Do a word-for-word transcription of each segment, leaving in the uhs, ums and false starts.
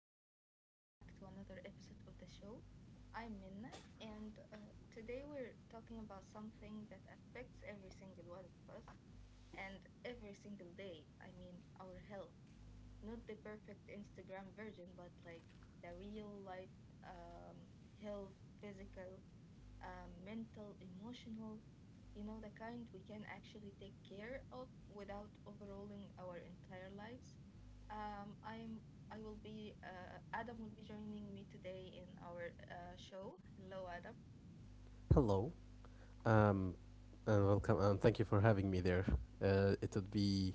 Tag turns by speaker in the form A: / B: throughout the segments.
A: and welcome back to another episode of the show. I'm Minna, and uh, today we're talking about something that affects every single one of us and every single day. I mean, our health. Not the perfect Instagram version, but like the real life um, health, physical, uh, mental, emotional, you know, the kind we can actually take care of without overhauling our entire lives. Um, I am. I will be. Uh, Adam will be joining me today in our uh, show. Hello, Adam.
B: Hello, um, and welcome, and thank you for having me there. Uh, it would be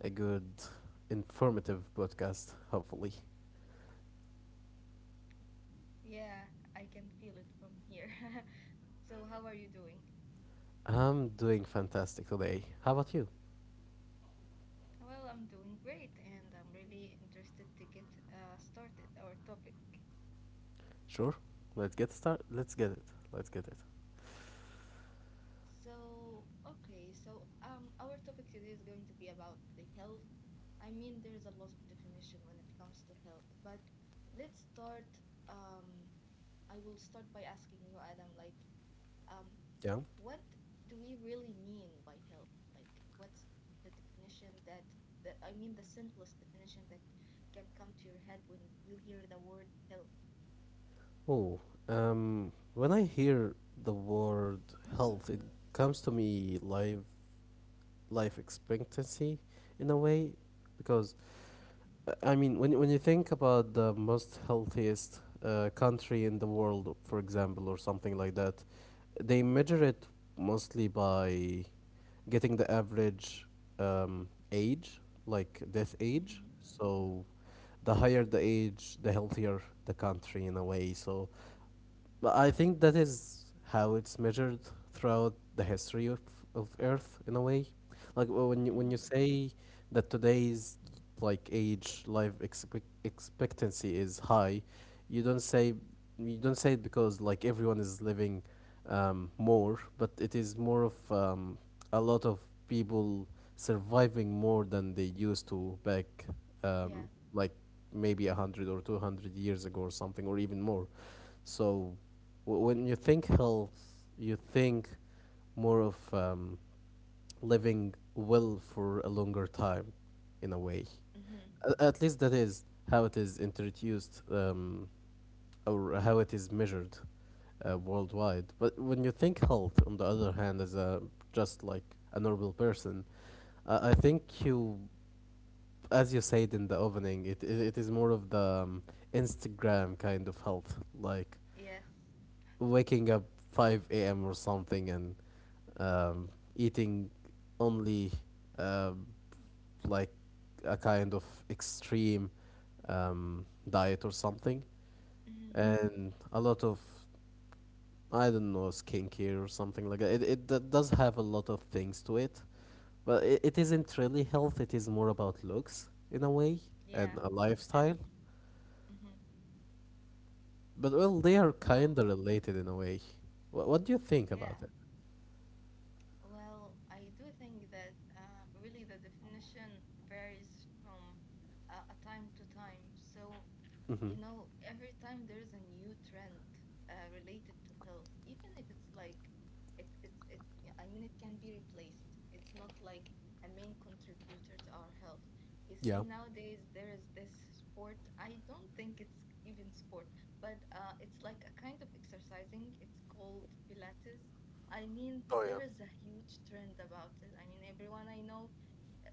B: a good, informative podcast, hopefully.
A: Yeah, I can feel it from here. So, how are you doing?
B: I'm doing fantastic today. How about you?
A: Well, I'm doing great, and I'm really interested to get uh, started our topic.
B: Sure. Let's get start. Let's get it. Let's get it.
A: So, okay, so um, our topic today is going to be about the health. I mean, there's a lot of definition when it comes to health, but let's start. Um, I will start by asking you, Adam, like, um,
B: Yeah.
A: what do we really mean by health? Like, what's the definition that, that I mean, the simplest definition that can come to your head when you hear the word health?
B: Oh, um, when I hear the word health, it comes to me life life expectancy, in a way, because I mean, when when you think about the most healthiest uh, country in the world, for example, or something like that, they measure it mostly by getting the average um, age, like death age.
A: Hmm.
B: So, the higher the age, the healthier the country in a way. So, but I think that is how it's measured throughout the history of, of Earth in a way. Like w- when you, when you
A: Hmm.
B: say that today's like age life expect expectancy is high, you don't say you don't say it because like everyone is living um, more, but it is more of um, a lot of people surviving more than they used to back um,
A: Yeah.
B: like maybe a hundred or two hundred years ago or something or even more. So w- when you think health, you think more of um, living well for a longer time, in a way.
A: Hmm.
B: A- At least that is how it is introduced um, or how it is measured uh, worldwide. But when you think health, on the other hand, as a just like a normal person, I I think you, as you said in the opening, it, it, it is more of the um, Instagram kind of health, like
A: Yes.
B: waking up five a m or something and um, eating only um, like a kind of extreme um, diet or something,
A: Hmm.
B: and a lot of I don't know skincare or something like that. It it d- does have a lot of things to it, but it, it isn't really health. It is more about looks in a way and
A: Yeah.
B: a lifestyle.
A: Exactly. Hmm.
B: But well, they are
A: Well,
B: kind of related in a way. What what do you think about
A: yeah.
B: it?
A: Well, I do think that uh, really the definition varies from uh, a time to time. So,
B: Mm-hmm.
A: you know, every time there's a new trend uh, related to health, even if it's like it, it's it, yeah, I mean, it can be replaced. It's not like a main contributor to our health. You
B: Yeah.
A: see, nowadays there is this sport. I don't think it's even sport, but uh, it's like a kind of exercising. It's called Pilates. I mean,
B: Oh, yeah.
A: there is a huge trend about it. I mean, everyone I know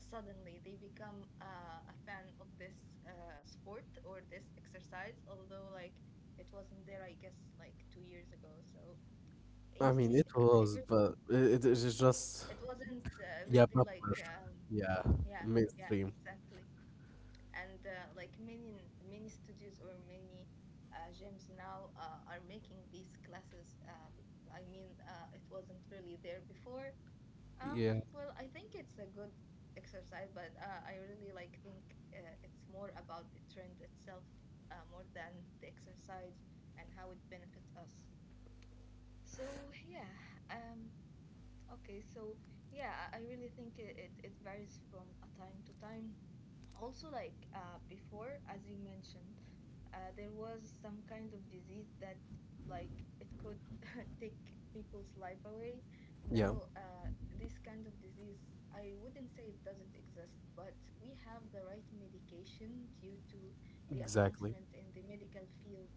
A: suddenly they become uh, a fan of this uh, sport or this exercise, although like it wasn't there, I guess, like two years ago. So you
B: I
A: see,
B: mean, it
A: uh, it re-
B: was, but it, it is just
A: it wasn't uh,
B: yeah,
A: really
B: popular.
A: like um,
B: Yeah,
A: yeah, yeah,
B: mainstream.
A: exactly. And uh, like many many studios or many uh, gyms now uh, are making these classes. Uh, be- I mean, uh, it wasn't really there before. Um,
B: Yeah,
A: well, I think it's a good exercise, but uh, I really like think uh, it's more about the trend itself uh, more than the exercise and how it benefits us. So yeah, um, okay, so yeah, I I really think it, it, it varies from a time to time. Also, like uh, before, as you mentioned, uh, there was some kind of disease that like it could take people's life away.
B: yeah,
A: Now uh, this kind of disease, I wouldn't say it doesn't exist, but we have the right medication due to the
B: exactly.
A: advancement in the medical field,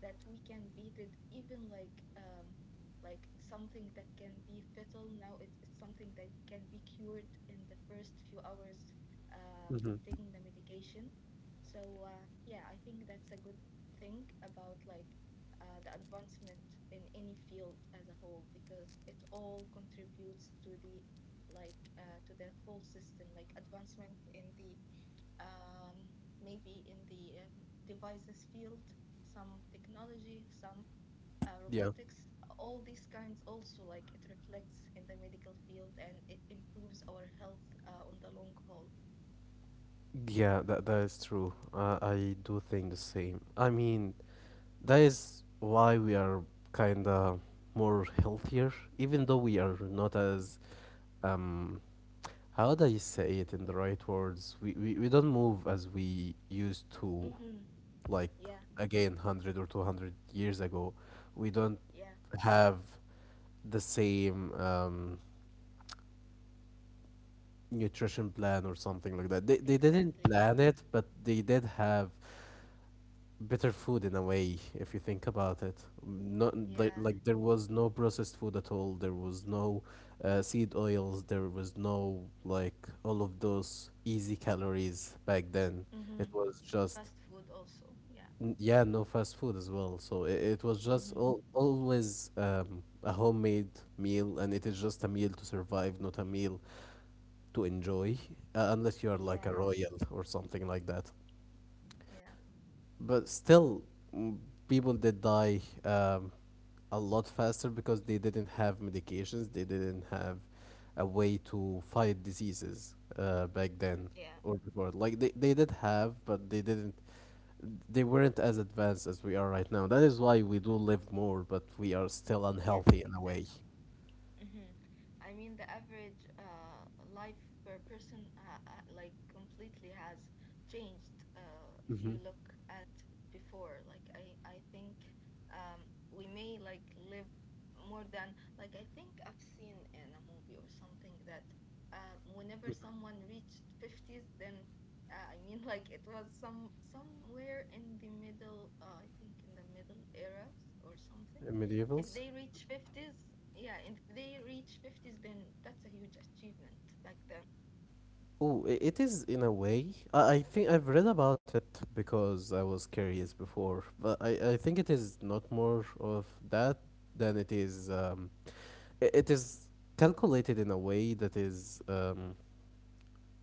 A: that we can beat it. Even like um, like something that can be fatal now, it, it's something that can be cured in the first few hours uh,
B: Hmm.
A: from taking the medication. So uh, yeah, I think that's a good thing about like uh, the advancement in any field as a whole, because it all contributes to the like uh, to the whole system, like advancement in the um, maybe in the um, devices field, some technology, some uh,
B: Yeah.
A: robotics, all these kinds. Also, like it reflects in the medical field and it improves our health uh, on the long haul.
B: Yeah, that that is true. Uh, I do think the same. I mean, that is why we are kinda more healthier, even though we are not as um how do you say it in the right words? We we, we don't move as we used to,
A: Mhm.
B: like
A: Yeah,
B: again, one hundred or two hundred years ago. We don't
A: yeah,
B: have the same um nutrition plan or something like that. They they didn't
A: exactly. Yes.
B: plan it, but they did have better food in a way if you think about it, not like,
A: Yeah.
B: like there was no processed food at all, there was no uh, seed oils, there was no like all of those easy calories back then, it
A: Mm-hmm.
B: was just
A: Fast food also. Yeah.
B: n- yeah, no fast food as well, so it, it was just
A: Mm-hmm.
B: all, always um, a homemade meal, and it is just a meal to survive, not a meal to enjoy, uh, unless you are like a
A: Yeah,
B: royal or something like that,
A: yeah,
B: but still, mm, people did die um, a lot faster because they didn't have medications. They didn't have a way to fight diseases uh, back then
A: yeah.
B: or before. Like they, they did have, but they didn't. They weren't as advanced as we are right now. That is why we do live more, but we are still
A: Yes,
B: unhealthy in a way.
A: exactly. Hmm. I mean, the average uh, life per person uh, uh, like completely has changed uh, if
B: Mm-hmm.
A: you look at before. Like, I, I think um, we may like live more than, like, I think I've seen in a movie or something that uh, whenever someone reached fifties, then uh, I mean like it was some somewhere in the middle, uh, I think in the middle era or something. If
B: Medievals?
A: they reach fifties, yeah, if they reach fifties, then that's a huge achievement, like the
B: Oh, i- it is in a way. I, I think I've read about it because I was curious before, but I, I think it is not more of that than it is. Um, i- it is calculated in a way that is, um,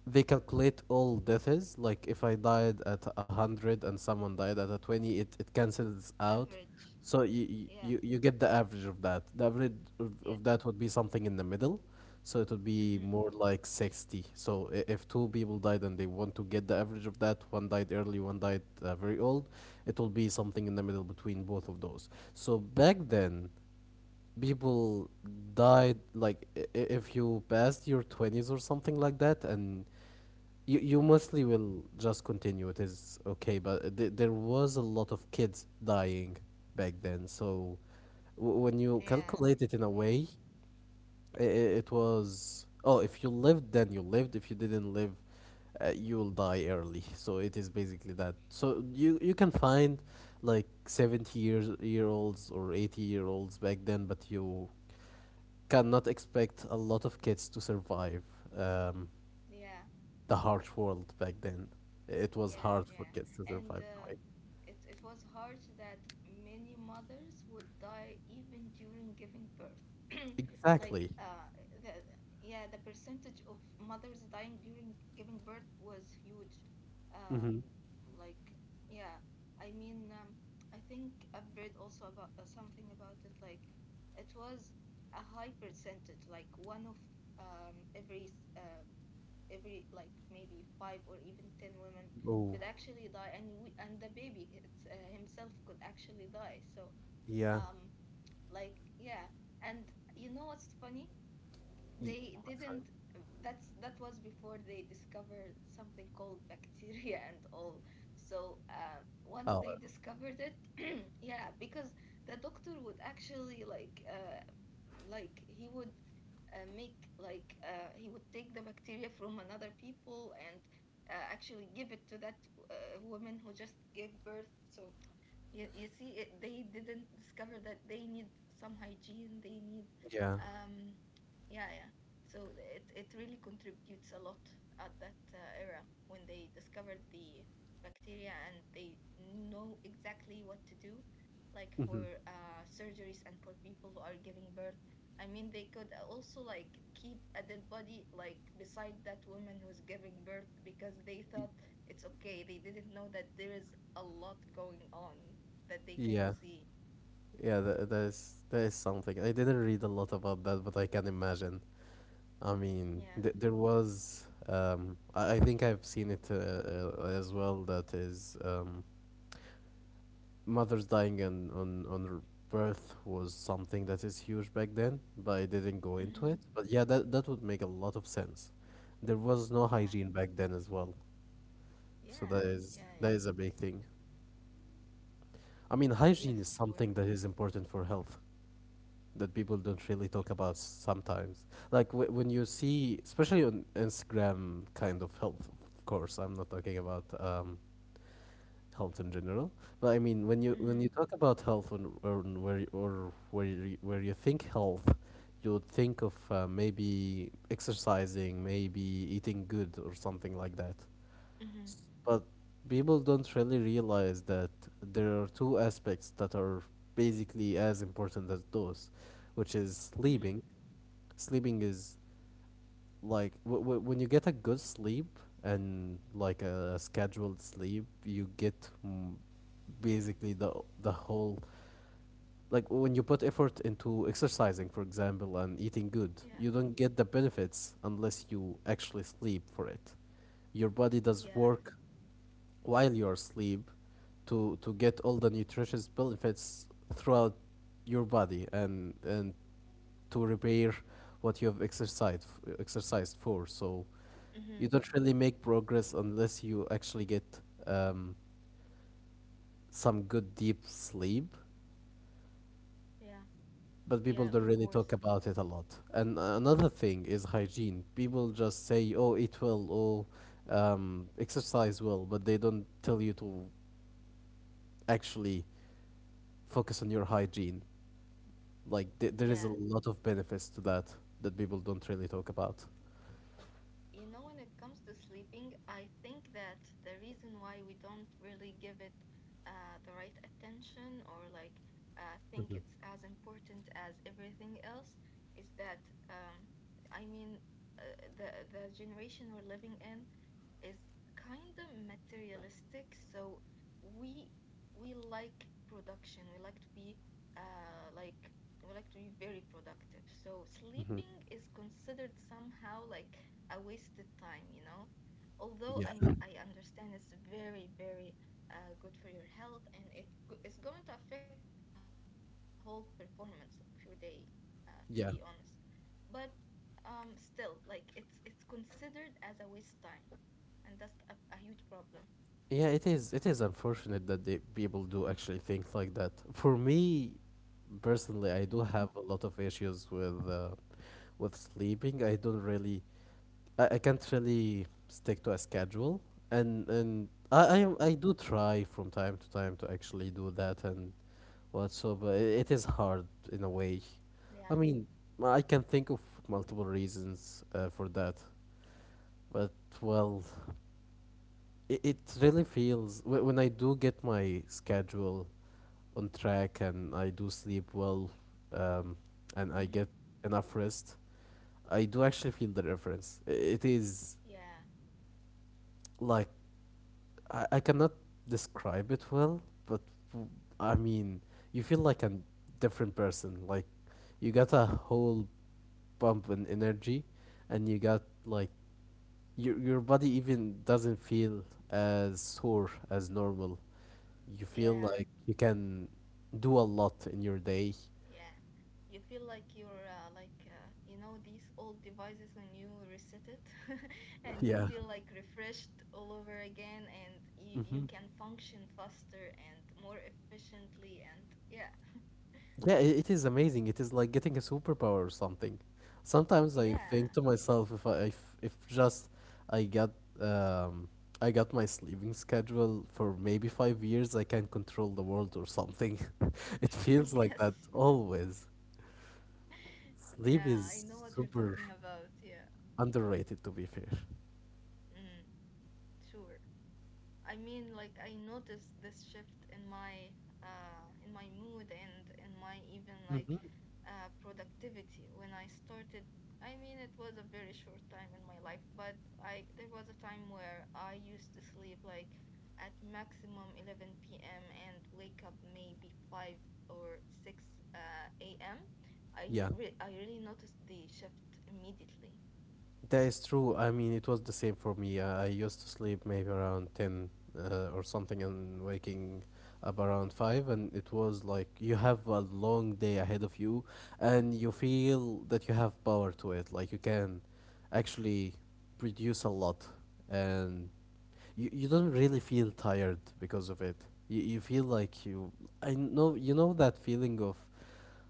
B: they calculate all deaths. Like if I died at a hundred and someone died at a twenty, it, it cancels out.
A: average.
B: So you, you
A: Yeah.
B: you get the average of that. The average of, of
A: Yeah.
B: that would be something in the middle. So it would be more
A: Hmm.
B: like sixty. So i- if two people died and they want to get the average of that, one died early, one died uh, very old, it will be something in the middle between both of those. So back then, people died like i- i- if you passed your twenties or something like that, and you, you mostly will just continue, it is okay, but th- there was a lot of kids dying back then, so
A: Yeah.
B: w- when you
A: Yeah.
B: calculate it in a way, I- i- It was, oh, if you lived, then you lived. If you didn't live, uh, you'll die early. So it is basically that. So you you can find like seventy years year olds or eighty year olds back then, but you cannot expect a lot of kids to survive um,
A: Yeah.
B: the harsh world back then. It was
A: Yeah,
B: hard for
A: yeah.
B: kids to
A: And
B: survive.
A: uh,
B: Right?
A: it, it was harsh that many mothers would die even during giving birth. Like, uh,
B: Exactly.
A: the, yeah, the percentage of mothers dying during giving birth was huge.
B: Mm-hmm.
A: Um, like, yeah, I mean, um, I think I've read also about uh, something about it. Like, it was a high percentage, like one of um, every s- um every, like, maybe five or even ten women
B: Oh,
A: could actually die, and we and the baby it's, uh, himself could actually die. So
B: yeah.
A: um like, yeah. And you know what's funny?
B: Ye-
A: They didn't that's That was before they discovered something called bacteria and all. So uh, once
B: Oh,
A: they discovered it yeah, because the doctor would actually like uh, like he would uh, make like uh, he would take the bacteria from another people and uh, actually give it to that uh, woman who just gave birth. So you, you see, it, they didn't discover that they need some hygiene. They need,
B: yeah.
A: um, yeah, yeah. So it it really contributes a lot at that uh, era when they discovered the bacteria and they know exactly what to do, like
B: Mm-hmm.
A: for uh, surgeries and for people who are giving birth. I mean, they could also like keep a dead body like beside that woman who's giving birth, because they thought it's okay. They didn't know that there is a lot going on that they can
B: Yeah.
A: see.
B: Yeah, that, that is that is something. I didn't read a lot about that, but I can imagine. I mean,
A: Yeah.
B: th there was, um I, I think I've seen it, uh, uh, as well, that is, um mothers dying on on on r- birth was something that is huge back then, but I didn't go
A: Mm-hmm.
B: into it. But yeah, that that would make a lot of sense. There was no
A: Yeah.
B: hygiene back then as well. So
A: Yeah.
B: that is
A: Yeah.
B: that
A: Yeah.
B: is a big thing. I mean, hygiene
A: Yes.
B: is
A: Sure.
B: something that is important for health, that people don't really talk about sometimes. Like w- when you see, especially on Instagram, kind of health. Of course, I'm not talking about um, health in general, but I mean when you when
A: Mm-hmm.
B: you talk about health on, on where you, or where you, where you think health, you would think of uh, maybe exercising, maybe eating good or something like that.
A: Mm-hmm.
B: S- But people don't really realize that there are two aspects that are basically as important as those, which is
A: Mm-hmm.
B: sleeping. Sleeping is like w- w- when you get a good sleep and like a scheduled sleep, you get mm, basically the the whole, like when you put effort into exercising, for example, and eating good, you
A: Yeah.
B: don't get the benefits unless you actually sleep for it. Your body does
A: Yeah.
B: work while you're asleep to to get all the nutritious benefits throughout your body and and to repair what you have exercised exercised for. So
A: Mm-hmm.
B: you don't really make progress unless you actually get um, some good deep sleep.
A: Yeah.
B: But
A: Yeah.
B: people don't
A: Of
B: really
A: course.
B: talk about it a lot. And another thing is hygiene. People just say, "Oh, eat well," "Oh, um, exercise well," but they don't tell you to actually focus on your hygiene. Like th- there is
A: Yeah.
B: a lot of benefits to that, that people don't really talk about.
A: You know, when it comes to sleeping, I think that the reason why we don't really give it uh, the right attention, or like uh, think it's as important as everything else, is that um, I mean, uh, the the generation we're living in is kind of materialistic. So we we like production. We like to be uh, like we like to be very productive. So
B: Hmm.
A: sleeping is considered somehow like a wasted time, you know. Although
B: Yeah,
A: I I understand it's very very uh, good for your health, and it go- it's going to affect the whole performance of your day, uh, to be honest.
B: yeah.
A: But um, still, like it's it's considered as a waste time, and that's a, a huge problem.
B: Yeah, it is. It is unfortunate that the people do actually think like that. For me, personally, I
A: Hmm.
B: do have a lot of issues with uh, with sleeping. I don't really, I, I can't really stick to a schedule, and and I,
A: Hmm.
B: I I do try from time to time to actually do that and whatsoever. It, it is hard in a way.
A: Yeah.
B: I mean, I can think of multiple reasons uh, for that, but well, it, it really feels wh- when I do get my schedule on track and I do sleep well, um, and I
A: Hmm.
B: get enough rest, I do actually feel the difference. I- It is
A: Yeah.
B: like I, I cannot describe it well, but w- I mean, you feel like a different person. Like you got a whole bump in energy, and you got like your your body even doesn't feel as sore as normal, you feel
A: Yeah.
B: like you can do a lot in your day.
A: Yeah. You feel like you're uh, like uh, you know these old devices when you reset it, and you
B: Yeah.
A: feel like refreshed all over again, and you, you can function faster and more efficiently. And yeah,
B: Yeah, I it is amazing. It is like getting a superpower or something. Sometimes I
A: yeah,
B: think to myself if I if, if just I got um I got my sleeping schedule for maybe five years, I can control the world or something. It feels like that
A: yes,
B: always. Sleep
A: yeah, I
B: is
A: know what you're
B: super
A: talking about. Yeah.
B: underrated, to be fair.
A: Mm, sure. I mean, like, I noticed this shift in my uh in my mood, and in my even like
B: Mhm.
A: uh productivity when I started. I mean, it was a very short time in my life, but I there was a time where I used to sleep like at maximum eleven p m and wake up maybe five or six uh, a m. I n-
B: Yeah.
A: re- I really noticed the shift immediately.
B: That is true. I mean, it was the same for me. Uh, I used to sleep maybe around ten uh, or something and waking up around five, and it was like you have a long day ahead of you and you feel that you have power to it. Like you can actually produce a lot, and you, you don't really feel tired because of it. You, you feel like you. I know, you know that feeling of,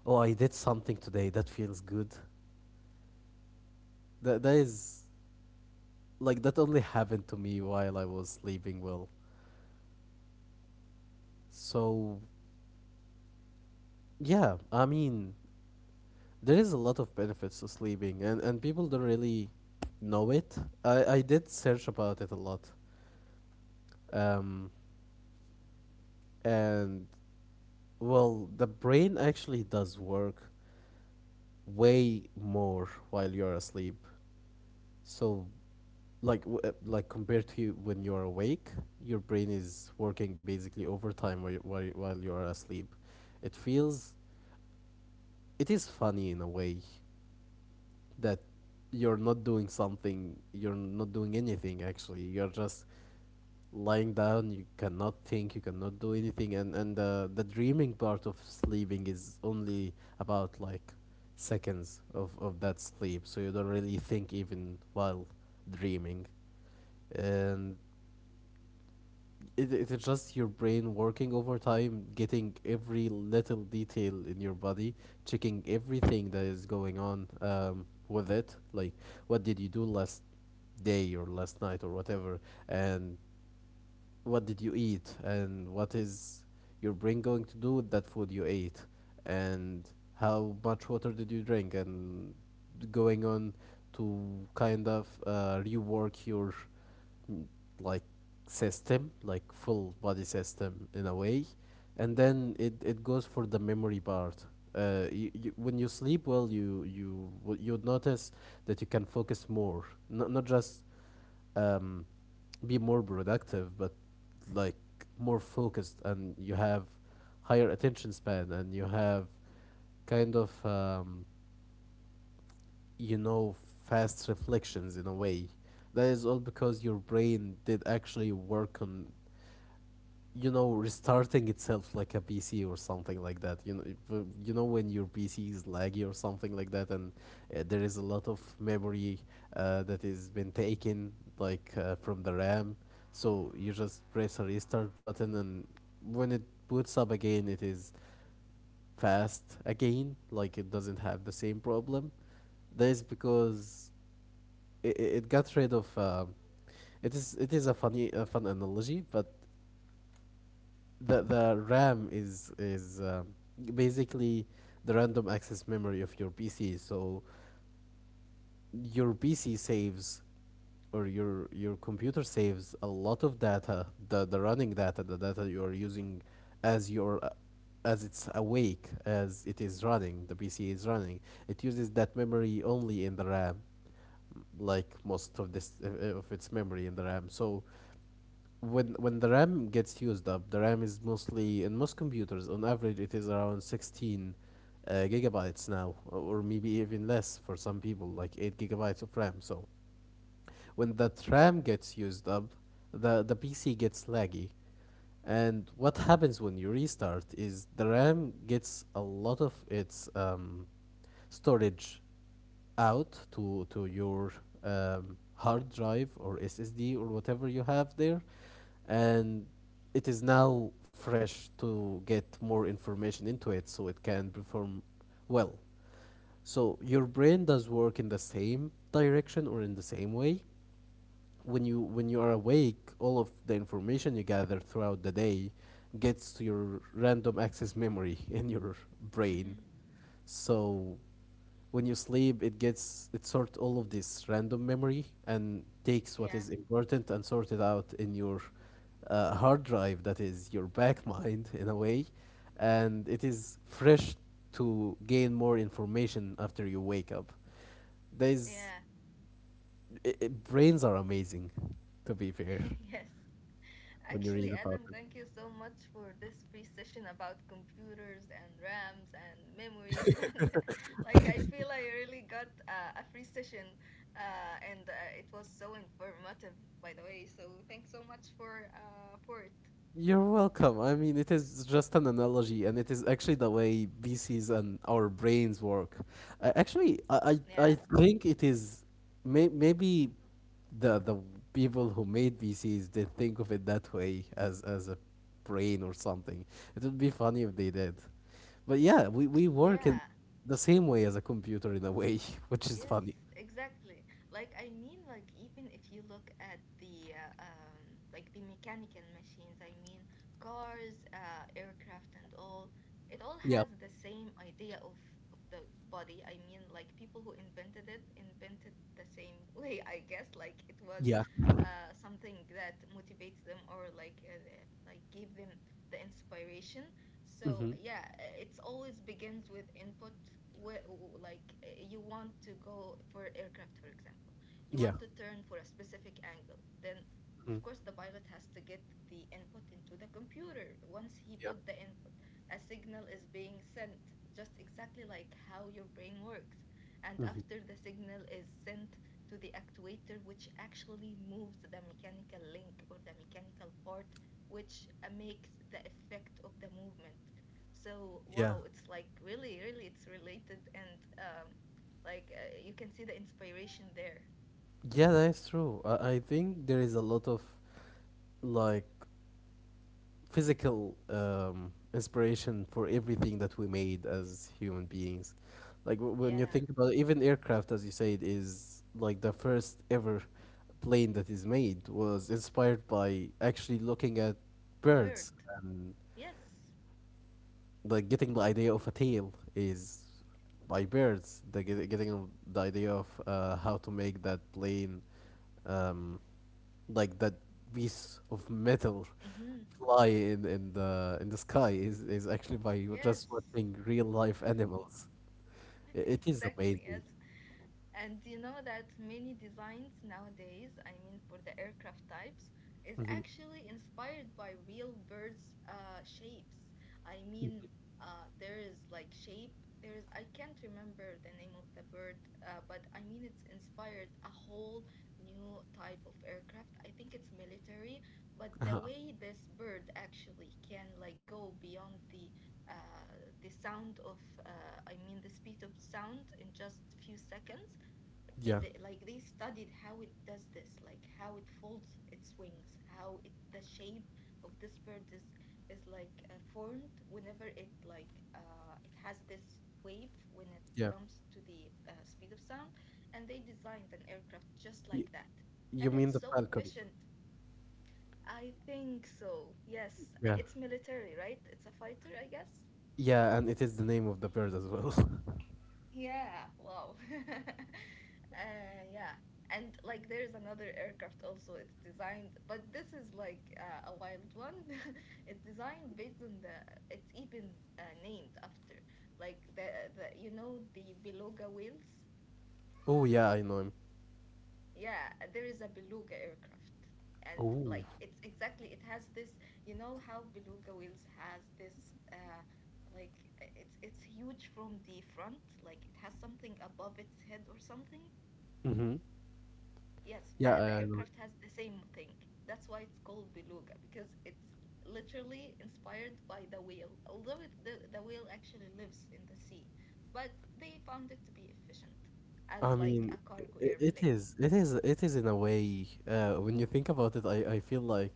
B: oh, I did something today that feels good. That, that is like that only happened to me while I was sleeping well. So yeah, I mean there is a lot of benefits to sleeping, and, and people don't really know it. I, I did search about it a lot. Um and well the brain actually does work way more while you're asleep. So like w- uh, like compared to you when you're awake, your brain is working basically overtime while, while, while you're asleep. It feels it is funny in a way that you're not doing something you're not doing anything actually. You're just lying down, you cannot think, you cannot do anything. And and uh, The dreaming part of sleeping is only about like seconds of of that sleep, so you don't really think even while dreaming. And it, it's just your brain working overtime, getting every little detail in your body, checking everything that is going on, um, with it. Like, what did you do last day or last night or whatever? And what did you eat, and what is your brain going to do with that food you ate, and how much water did you drink, and going on to kind of uh, rework your mm, like system, like full body system in a way. And then it, it goes for the memory part. Uh, you, you, when you sleep well, you you would- you notice that you can focus more. N- not just um, be more productive, but like more focused, and you have higher attention span, and you have kind of um, you know fast reflections in a way. That is all because your brain did actually work on you know restarting itself like a pc or something like that. You know, if, uh, you know when your pc is laggy or something like that, and uh, there is a lot of memory uh, that is been taken, like uh, from the ram. So you just press a restart button, and when it boots up again, it is fast again. Like it doesn't have the same problem. That is because it, it got rid of uh, it is it is a funny a fun analogy, but the the RAM is is um, basically the random access memory of your P C. So your P C saves, or your your computer saves a lot of data, the the running data, the data you are using as your uh, as it's awake, as it is running, the pc is running, it uses that memory only in the ram. Like most of this uh, of its memory in the ram. So when when the RAM gets used up, the RAM is mostly, in most computers on average, it is around sixteen uh, gigabytes now, or or maybe even less for some people, like eight gigabytes of RAM. So when the RAM gets used up, the, the P C gets laggy. And what happens when you restart is the RAM gets a lot of its um, storage out to to your um, hard drive or S S D or whatever you have there, and it is now fresh to get more information into it, so it can perform well. So your brain does work in the same direction, or in the same way, when you when you are awake, all of the information you gather throughout the day gets to your random access memory in your
A: Hmm.
B: brain. So when you sleep, it gets it sorts all of this random memory and takes what
A: Yeah.
B: is important and sort it out in your uh, hard drive that is your back mind in a way, and it is fresh to gain more information after you wake up. There's
A: Yeah.
B: I I Brains are amazing, to be fair,
A: Yes.
B: when you read
A: Actually,
B: about
A: Adam,
B: them.
A: thank you so much for this free session about computers and RAMs and memories. And like, I feel I really got uh, a free session, uh, and uh, it was so informative, by the way. So, thanks so much for uh, for it.
B: You're welcome. I mean, it is just an analogy, and it is actually the way V Cs and our brains work. Uh, actually, I,
A: Yeah,
B: I I think it is may, maybe the the people who made V Cs did think of it that way, as as a brain or something. It would be funny if they did. But yeah, we, we work in
A: yeah.
B: the same way as a computer in a way, which is
A: Yes,
B: funny.
A: exactly. Like, I mean, like, even if you look at the uh, um like the mechanical machines, I mean, cars, uh, aircraft, and all, it all
B: Yeah.
A: has the same idea of of the body. I mean, like people who invented it invented the same way, I guess. Like it was
B: Yeah.
A: uh something that motivates them, or like uh, uh, like gave them the inspiration. So
B: Hmm.
A: yeah, i- it's always begins with input. Wh- Like uh, you want to go for aircraft, for example, you
B: Yeah.
A: want to turn for a specific angle. Then,
B: Mhm.
A: of course, the pilot has to get the input into the computer. Once he
B: Yeah.
A: put the input, a signal is being sent, just exactly like how your brain works. And
B: Mhm.
A: after the signal is sent to the actuator, which actually moves the mechanical link or the mechanical part, which uh, makes the effect of the movement. So wow, it's like really, really, it's related, and um, like uh, you can see the inspiration there.
B: Yeah, that is true. I, I think there is a lot of like physical um, inspiration for everything that we made as human beings. Like w- when you
A: Yeah,
B: think about it, even aircraft, as you said, is like the first ever plane that is made was inspired by actually looking at birds,
A: bird.
B: and
A: Yes.
B: like getting the idea of a tail is by birds. The get, getting the idea of uh, how to make that plane, um, like that piece of metal,
A: Mm-hmm.
B: fly in in the in the sky, is is actually by you just
A: Yes.
B: watching real life animals. I- It is
A: Exactly.
B: amazing.
A: Yes. And you know that many designs nowadays, I mean for the aircraft types, is
B: Hmm.
A: actually inspired by real birds' uh, shapes. I mean, uh, there is like shape. There is I can't remember the name of the bird, uh, but I mean it's inspired a whole new type of aircraft. I think it's military, but the
B: Uh-huh.
A: way this bird actually can like go beyond the uh, the sound of uh, I mean the speed of sound in just few seconds
B: Yeah,
A: th- like they studied how it does this, like how it folds its wings, how it the shape of this bird is is like uh, formed whenever it like uh, it has this wave when it
B: yeah.
A: comes to the uh, speed of sound, and they designed an aircraft just like
B: Y-
A: that, and
B: you mean
A: it's
B: the
A: so
B: falcon?
A: efficient. I think so, yes.
B: Yeah.
A: It's military, right? It's a fighter, I guess.
B: Yeah, and it is the name of the bird as well.
A: Yeah, wow. Uh, yeah. And like there's another aircraft also it's designed, but this is like uh, a wild one. It's designed based on the it's even uh, named after like the the you know the beluga whales?
B: Oh yeah, I know him.
A: Yeah, there is a beluga aircraft. And
B: Oh.
A: like it's exactly it has this, you know how beluga whales has this uh like uh, it's it's huge from the front, like it has something above its head or something.
B: Mm-hmm.
A: Yes, the,
B: Yeah, I
A: the
B: I know.
A: aircraft has the same thing. That's why it's called beluga because it's literally inspired by the whale. Although it, the, the whale actually lives in the sea, but they found it to be efficient as
B: I
A: like a
B: mean,
A: cargo
B: i-
A: airplane.
B: it is, it is, it is in a way. Uh, when you think about it, I, I feel like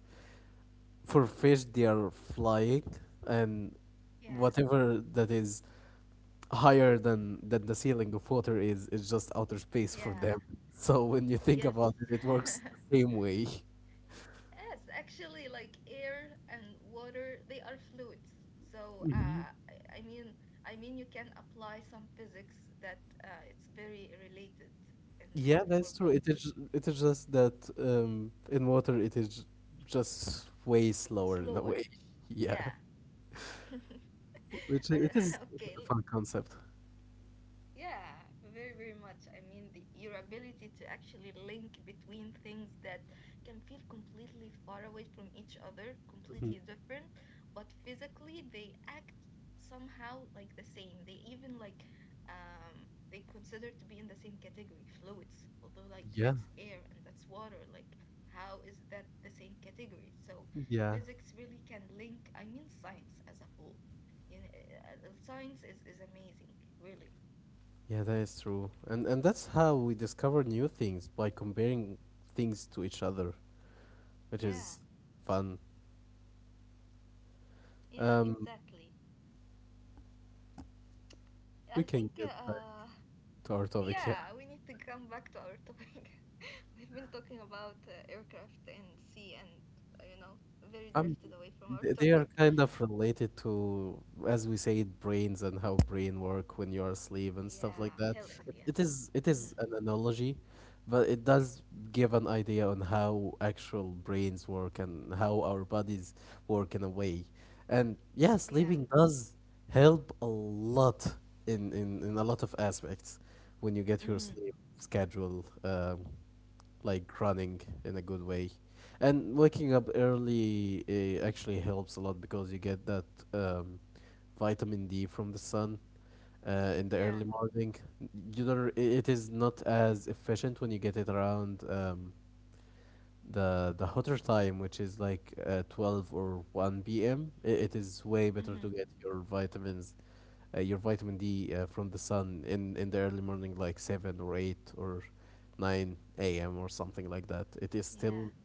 B: for fish they are flying, and
A: Yeah.
B: whatever that is higher than than the ceiling of water is is just outer space for
A: Yeah,
B: them. So when you think
A: yes.
B: about it, it works the same way.
A: Yes, actually, like air and water, they are fluids. So, uh, I I mean, I mean, you can apply some physics that uh, it's very related in, in
B: Yeah,
A: for
B: that's true. It
A: both.
B: is it is just that um, in water it is just way slower in a
A: Slower.
B: way. Yeah,
A: Yeah.
B: which i- it
A: I-
B: is, it is
A: Okay,
B: a
A: l-
B: fun concept.
A: yeah, very, very much. I mean, the, your ability to actually link between things that can feel completely far away from each other, completely different, but physically they act somehow like the same. They even like um they consider to be in the same category, fluids, although like
B: Yeah,
A: that's air and that's water. Like, how is that the same category? So
B: yeah,
A: physics really can link, I mean, science as a whole. You know, uh, uh, science is, is amazing, really.
B: yeah. That is true, and and that's how we discover new things by comparing things to each other, which is
A: Yeah,
B: fun.
A: yeah,
B: Um,
A: exactly.
B: we
A: I
B: can
A: think,
B: get back
A: uh,
B: to our topic. Yeah.
A: yeah, we need to come back to our topic. We've been talking about uh, aircraft and sea, and, uh, you know, very
B: Um,
A: drifted away from our
B: th- they are
A: topic.
B: kind of related to, as we say, brains and how brain work when you are asleep and stuff like
A: Yeah,
B: that. It,
A: health,
B: it
A: yes.
B: is it is
A: Mm-hmm.
B: an analogy, but it does give an idea on how actual brains work and how our bodies work in a way. And yeah, sleeping
A: Yeah.
B: does help a lot in in, in a lot of aspects when you get your
A: Mm-hmm.
B: sleep schedule. Um, like running in a good way and waking up early uh, actually helps a lot, because you get that um, vitamin d from the sun uh, in the early
A: Yeah.
B: morning. You don't r- I- It is not as efficient when you get it around um, the the hotter time, which is like uh, twelve or one p m It is way better to
A: Mm-hmm.
B: get your vitamins, uh, your vitamin D uh, from the sun in in the early morning, like seven or eight or nine a m or something like that. It is still
A: Yeah.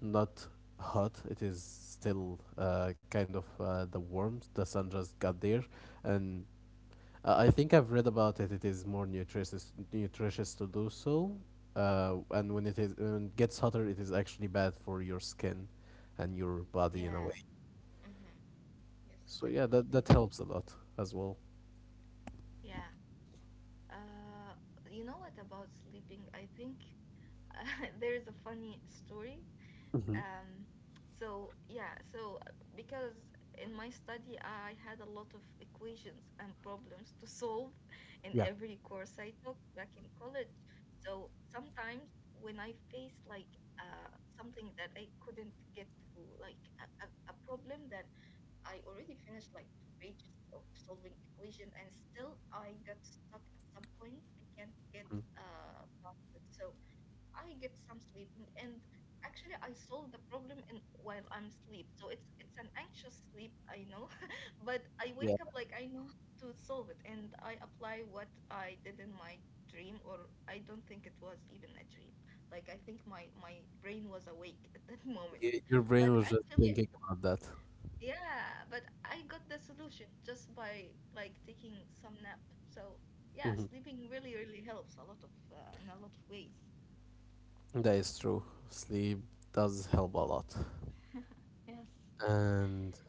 B: not hot. It is still uh, kind of uh, the warmth. The sun just got there, and uh, I think I've read about it. It is more nutritious nutritious to do so. Uh, and when it is when it gets hotter, it is actually bad for your skin and your body in a
A: Yeah.
B: way.
A: Mm-hmm. Yes,
B: So yeah, that that
A: definitely.
B: helps a lot as well.
A: Yeah. Uh, you know what about sleeping? I think there is a funny story.
B: Hmm.
A: Um, so yeah, so uh, because in my study I had a lot of equations and problems to solve in
B: Yeah.
A: every course I took back in college. So sometimes when I face like uh, something that I couldn't get through, like a, a, a problem that I already finished like two pages of solving equation, and still I got stuck at some point. I can't get
B: Mm.
A: uh, past it. So I get some sleeping, and actually I solve the problem in while I'm asleep. So it's it's an anxious sleep, I know, but I
B: Yeah.
A: wake up like I know how to solve it, and I apply what I did in my dream, or I don't think it was even a dream. Like I think my my brain was awake at that moment.
B: Y- Your brain
A: But
B: was just
A: actually
B: thinking about that.
A: yeah, but I got the solution just by like taking some nap. So yeah,
B: Mhm.
A: sleeping really really helps a lot of uh, in a lot of ways.
B: That is true. Sleep does help a lot.
A: Yes.
B: And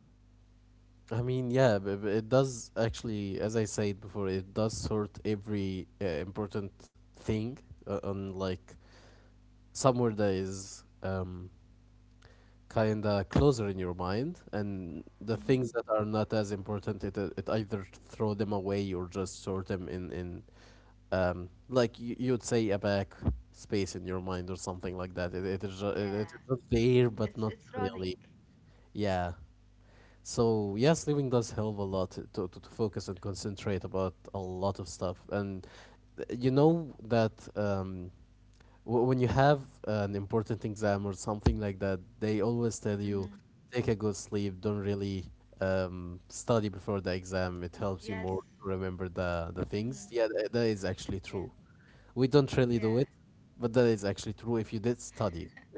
B: I mean, yeah, b- b- it does actually, as I said before, it does sort every uh, important thing uh, on like somewhere that is um, kind of closer in your mind, and the
A: Mm-hmm.
B: things that are not as important, it uh, it either throw them away or just sort them in in um, like you, you'd say a back space in your mind or something like that. It it is ju- it, it is
A: Yeah,
B: just there, but
A: it's
B: not
A: it's running.
B: really. Yeah. So yeah, sleeping does help a lot to, to, to focus and concentrate about a lot of stuff. And uh, you know that um, w- when you have an important exam or something like that, they always tell you
A: Mm-hmm.
B: take a good sleep. Don't really um, study before the exam. It helps you
A: Yes.
B: more to remember the the
A: Mm-hmm.
B: things. Yeah, tha- that is actually
A: Yeah.
B: true. We don't really
A: Yeah.
B: do it, but that is actually true. If you did study,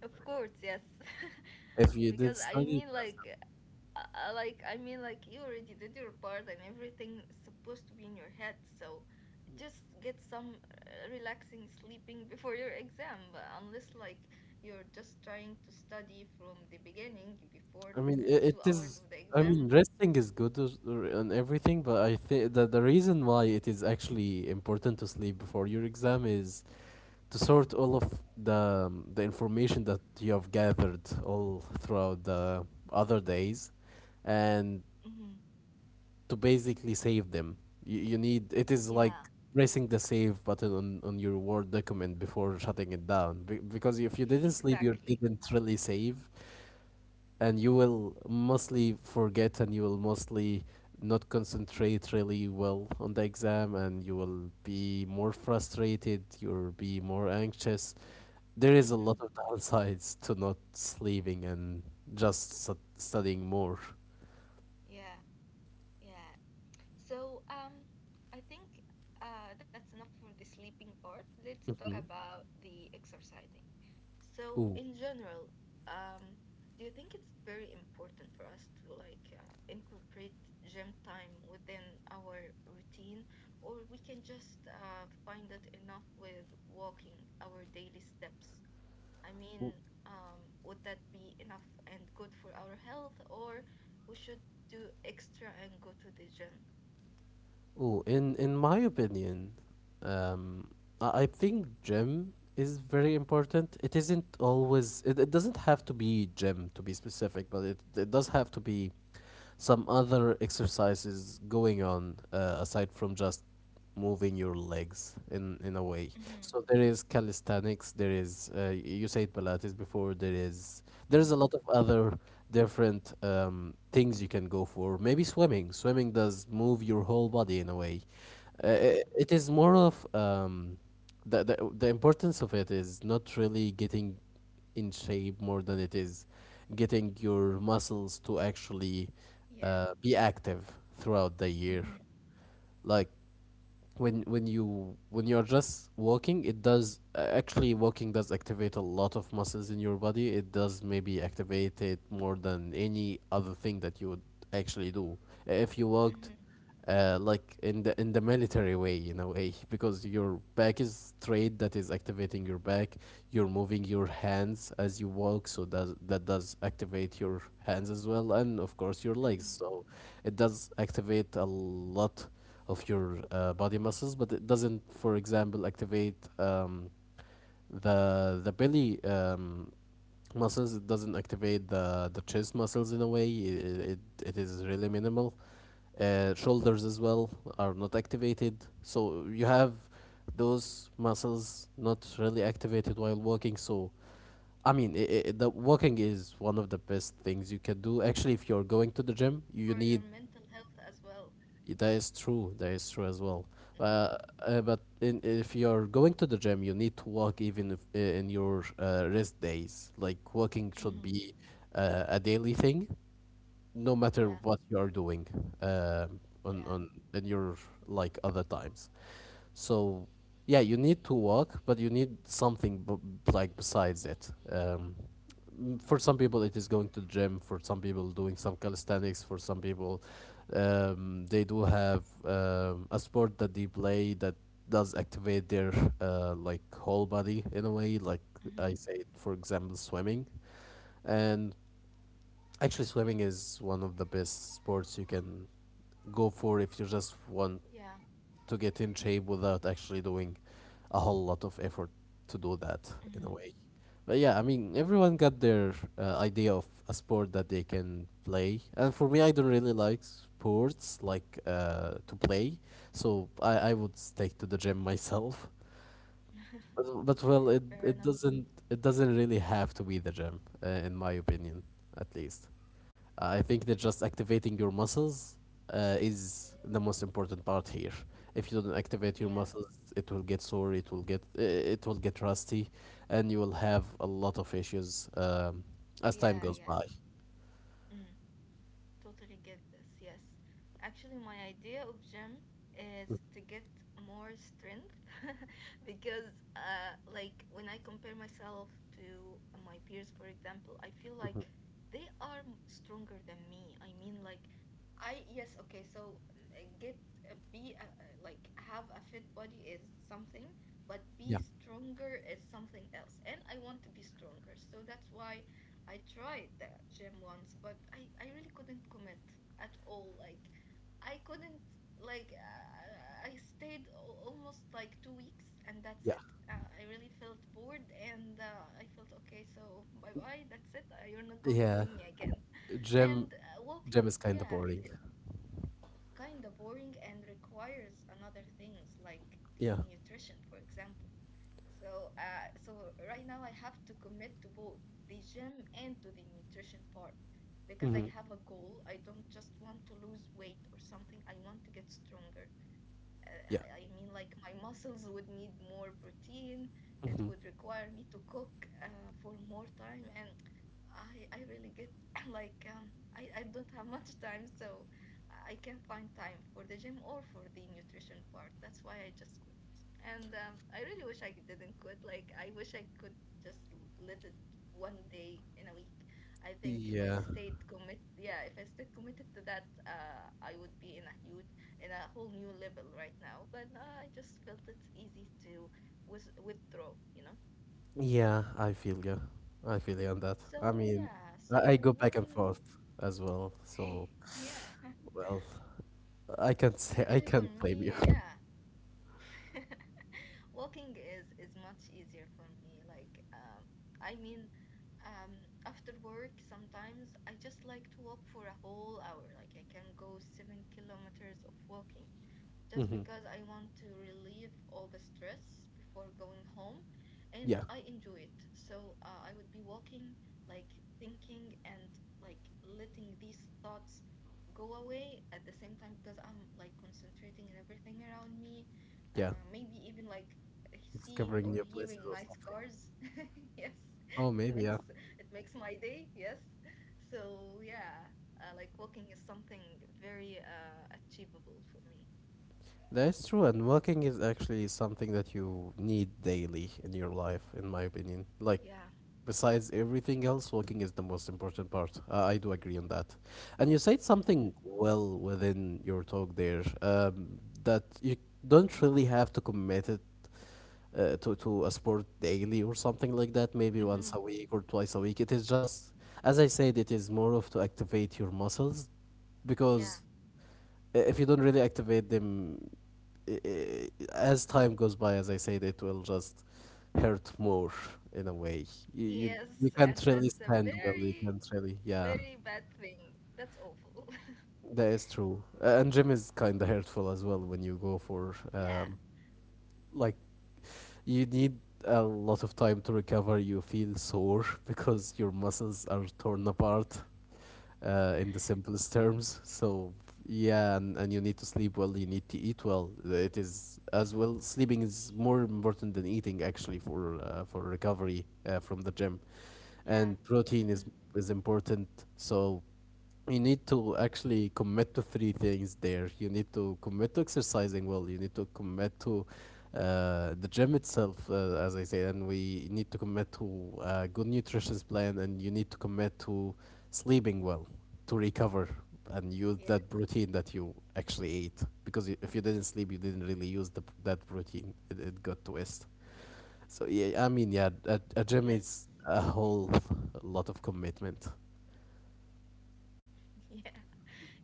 A: Of course, yes.
B: If you did
A: Because I
B: study,
A: mean, like, uh, uh, like I mean, like you already did your part, and everything is supposed to be in your head. So just get some uh, relaxing sleeping before your exam, uh, unless like you're just trying to study from the beginning before
B: I mean,
A: the
B: I
A: two
B: it is.
A: hours of the
B: I mean,
A: exam.
B: resting is good, as- r- and everything, but I think that the reason why it is actually important to sleep before your exam is to sort all of the um, the information that you have gathered all throughout the other days, and
A: Mm-hmm.
B: to basically save them. You, you need, it is like
A: Yeah,
B: pressing the save button on, on your Word document before shutting it down, be- because if you didn't sleep, you
A: exactly.
B: didn't really save, and you will mostly forget, and you will mostly not concentrate really well on the exam, and you will be more frustrated, you'll be more anxious. There is a
A: Mm-hmm.
B: lot of downsides to not sleeping and just stud studying more.
A: Yeah, yeah. So, um, I think uh, that's enough for the sleeping part. Let's talk
B: Hmm.
A: about the exercising. So,
B: Ooh,
A: in general, um, do you think it's very important for us to like uh, incorporate gym time within our routine, or we can just uh, find it enough with walking our daily steps? I
B: ooh,
A: mean, um, would that be enough and good for our health, or we should do extra and go to the gym?
B: Ooh. In in my opinion, um, I, I think gym is very important. It isn't always. It, it doesn't have to be gym to be specific, but it it does have to be some other exercises going on, uh, aside from just moving your legs in in a way.
A: Mm-hmm,
B: So there is calisthenics, there is, uh, you said pilates before, there is there's a
A: mm-hmm.
B: lot of other different um, things you can go for. Maybe swimming. Swimming does move your whole body in a way. uh,
A: Yeah,
B: it, it is more of, um, the, the the importance of it is not really getting in shape more than it is getting your muscles to actually,
A: yeah.
B: uh, be active throughout the year.
A: Mm-hmm,
B: Like when when you when you're just walking, it does, uh, actually walking does activate a lot of muscles in your body. It does maybe activate it more than any other thing that you would actually do. Uh, If you walked,
A: mm-hmm,
B: uh, like in the in the military way in a way because your back is straight, that is activating your back. You're moving your hands as you walk, so does that, does activate your hands as well, and of course your legs.
A: mm-hmm.
B: So it does activate a lot of your uh, body muscles, but it doesn't, for example, activate, um, the the belly, um, muscles. It doesn't activate the the chest muscles in a way. It, it, it is really minimal. Uh, shoulders as well are not activated, so you have those muscles not really activated while walking. So i mean i i the walking is one of the best things you can do. Actually, if you're going to the gym, you
A: For
B: need,
A: your mental health as well.
B: Y- that is true. That is true as well.
A: Mm-hmm,
B: Uh, uh, but in, if you're going to the gym, you need to walk even if, uh, in your, uh, rest days. Like walking should
A: mm-hmm.
B: be, uh, a daily thing no matter
A: Yeah,
B: what you are doing, um, on
A: yeah.
B: on in your like other times. So yeah, you need to walk, but you need something, b- like besides it. Um, m- for some people, it is going to the gym. For some people, doing some calisthenics. For some people, um, they do have, um, a sport that they play that does activate their, uh, like whole body in a way. Like I
A: Mm-hmm,
B: say, for example, swimming. And actually, swimming is one of the best sports you can go for if you just want
A: yeah.
B: to get in shape without actually doing a whole lot of effort to do that in a
A: Mm-hmm.
B: way. But yeah, I mean, everyone got their uh, idea of a sport that they can play. And for me, I don't really like sports like, uh, to play, so I, I would stick to the gym myself. But, but well, it,
A: Fair
B: it
A: enough.
B: doesn't it doesn't really have to be the gym, uh, in my opinion, at least. Uh, I think that just activating your muscles, uh, is the most important part here. If you don't activate your
A: Yeah,
B: muscles, it will get sore, it will get, uh, it will get rusty, and you will have a lot of issues, um, as time goes
A: yeah,
B: by.
A: yeah. Mm. Totally get this. Yes. Actually, my idea of gym
B: Mhm,
A: is to get more strength because uh like when I compare myself to my peers, for example, I feel
B: mhm.
A: like they are m- stronger than me. I mean like I yes, okay, so mm, uh, get uh, be uh, uh, like have a fit body is something, but be
B: Yeah,
A: stronger is something else. And I want to be stronger. So that's why I tried the gym once, but I, I really couldn't commit at all. Like, I couldn't, like, uh, I stayed al- almost like two weeks, and that's
B: yeah,
A: it. Uh, I really felt bored, and uh, I felt, okay, so bye bye, that's it. Uh, you're not going to
B: yeah.
A: see me again.
B: Gym,
A: And uh,
B: gym
A: walking,
B: is kind of
A: yeah, it,
B: boring.
A: it kind of boring, and requires another things like
B: Yeah.
A: the nutrition, for example. So, uh, so right now I have to commit to both the gym and to the nutrition part, because
B: Hmm.
A: I have a goal. I don't just want to lose weight or something. I want to get stronger. Uh,
B: Yeah.
A: I I mean, like my muscles would need more protein. It
B: Hmm.
A: would require me to cook uh, for more time, and I I really get like um I I don't have much time, so I can find time for the gym or for the nutrition part. That's why I just quit. And um, I really wish I didn't quit. Like I wish I could just l- let it one day in a week. I think if I
B: Yeah.
A: stayed commit, yeah, if I stayed committed to that, uh, I would be in a huge in a whole new level right now. But uh, I just felt it's easy to with withdraw, you know.
B: Yeah, I feel you. I feel you on that. I
A: So
B: mean,
A: yeah, so
B: I, I go back and
A: walking.
B: forth as well, so.
A: Yeah,
B: Well, I can't say, I
A: actually for
B: can't blame you.
A: me, yeah, walking is is much easier for me. Like, um, I mean, um, after work sometimes I just like to walk for a whole hour. Like I can go seven kilometers of walking, just
B: Hmm.
A: because I want to relieve all the stress before going home, and
B: Yeah,
A: I enjoy it. So uh, I would be walking, like thinking and like letting these thoughts go away at the same time, because I'm like concentrating on everything around me.
B: yeah,
A: Uh, maybe even like seeing or
B: discovering new
A: hearing
B: places or
A: nice
B: something.
A: cars. Yes, it
B: Oh, maybe
A: makes
B: yeah.
A: it makes my day. Yes. So yeah, uh, like walking is something very uh, achievable for me.
B: That's true. And walking is actually something that you need daily in your life, in my opinion. Like,
A: Yeah.
B: besides everything else, walking is the most important part. Uh, I do agree on that. And you said something
A: Mm-hmm.
B: well within your talk there, um, that you don't really have to commit it, uh, to to a sport daily or something like that, maybe once a
A: Mm-hmm.
B: week or twice a week. It is just, as I said, it is more of to activate your muscles, because
A: Yeah.
B: i- if you don't really activate them, i- i- as time goes by, as I said, it will just hurt more in a way. You you, you can't
A: Yes,
B: really
A: and
B: stand
A: that's a
B: well. You can't really,
A: very,
B: yeah.
A: very bad thing. That's awful.
B: That is true. Uh, and gym is kind of hurtful as well when you go for, um,
A: Yeah.
B: like you need a lot of time to recover. You feel sore because your muscles are torn apart, uh, in the simplest terms. So yeah, and, and you need to sleep well. You need to eat well. It is as well. Sleeping is more important than eating, actually, for, uh, for recovery, uh, from the gym, and
A: Yeah.
B: protein is is
A: Mm-hmm.
B: important. So you need to actually commit to three things there. You need to commit to exercising well. You need to commit to, uh, the gym itself, uh, as I said, and we need to commit to a good nutrition plan, and you need to commit to sleeping well to recover and use that
A: Yeah.
B: protein that you actually ate. Because i- if you didn't sleep, you didn't really use the, p- that protein. It, it got to waste. So yeah, I mean, yeah, a, a gym
A: Yes.
B: is a whole lot of commitment.
A: Yeah.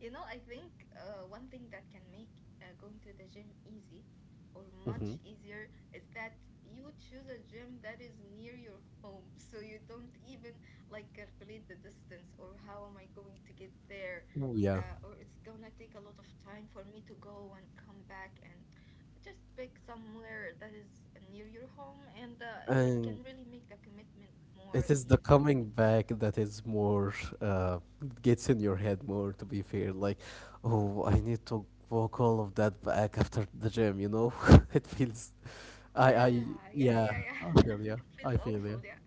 A: You know, I think uh, one thing that can make uh, going to the gym easy or
B: Mm-hmm.
A: much easier is that you choose a gym that is near your home, so you don't even like calculate the distance or how am I going to get there,
B: Oh yeah.
A: uh, or it's gonna take a lot of time for me to go and come back, and just pick somewhere that is near your home, and uh, it
B: And
A: can really make the commitment
B: it
A: more
B: is the coming
A: easier.
B: back that is more, uh, gets in your head more. To be fair, like, oh, I need to walk all of that back after the gym. You know, it feels. I I
A: Yeah, yeah,
B: yeah.
A: yeah, yeah.
B: I feel yeah.
A: It
B: I
A: feels
B: feel yeah.
A: awful, yeah.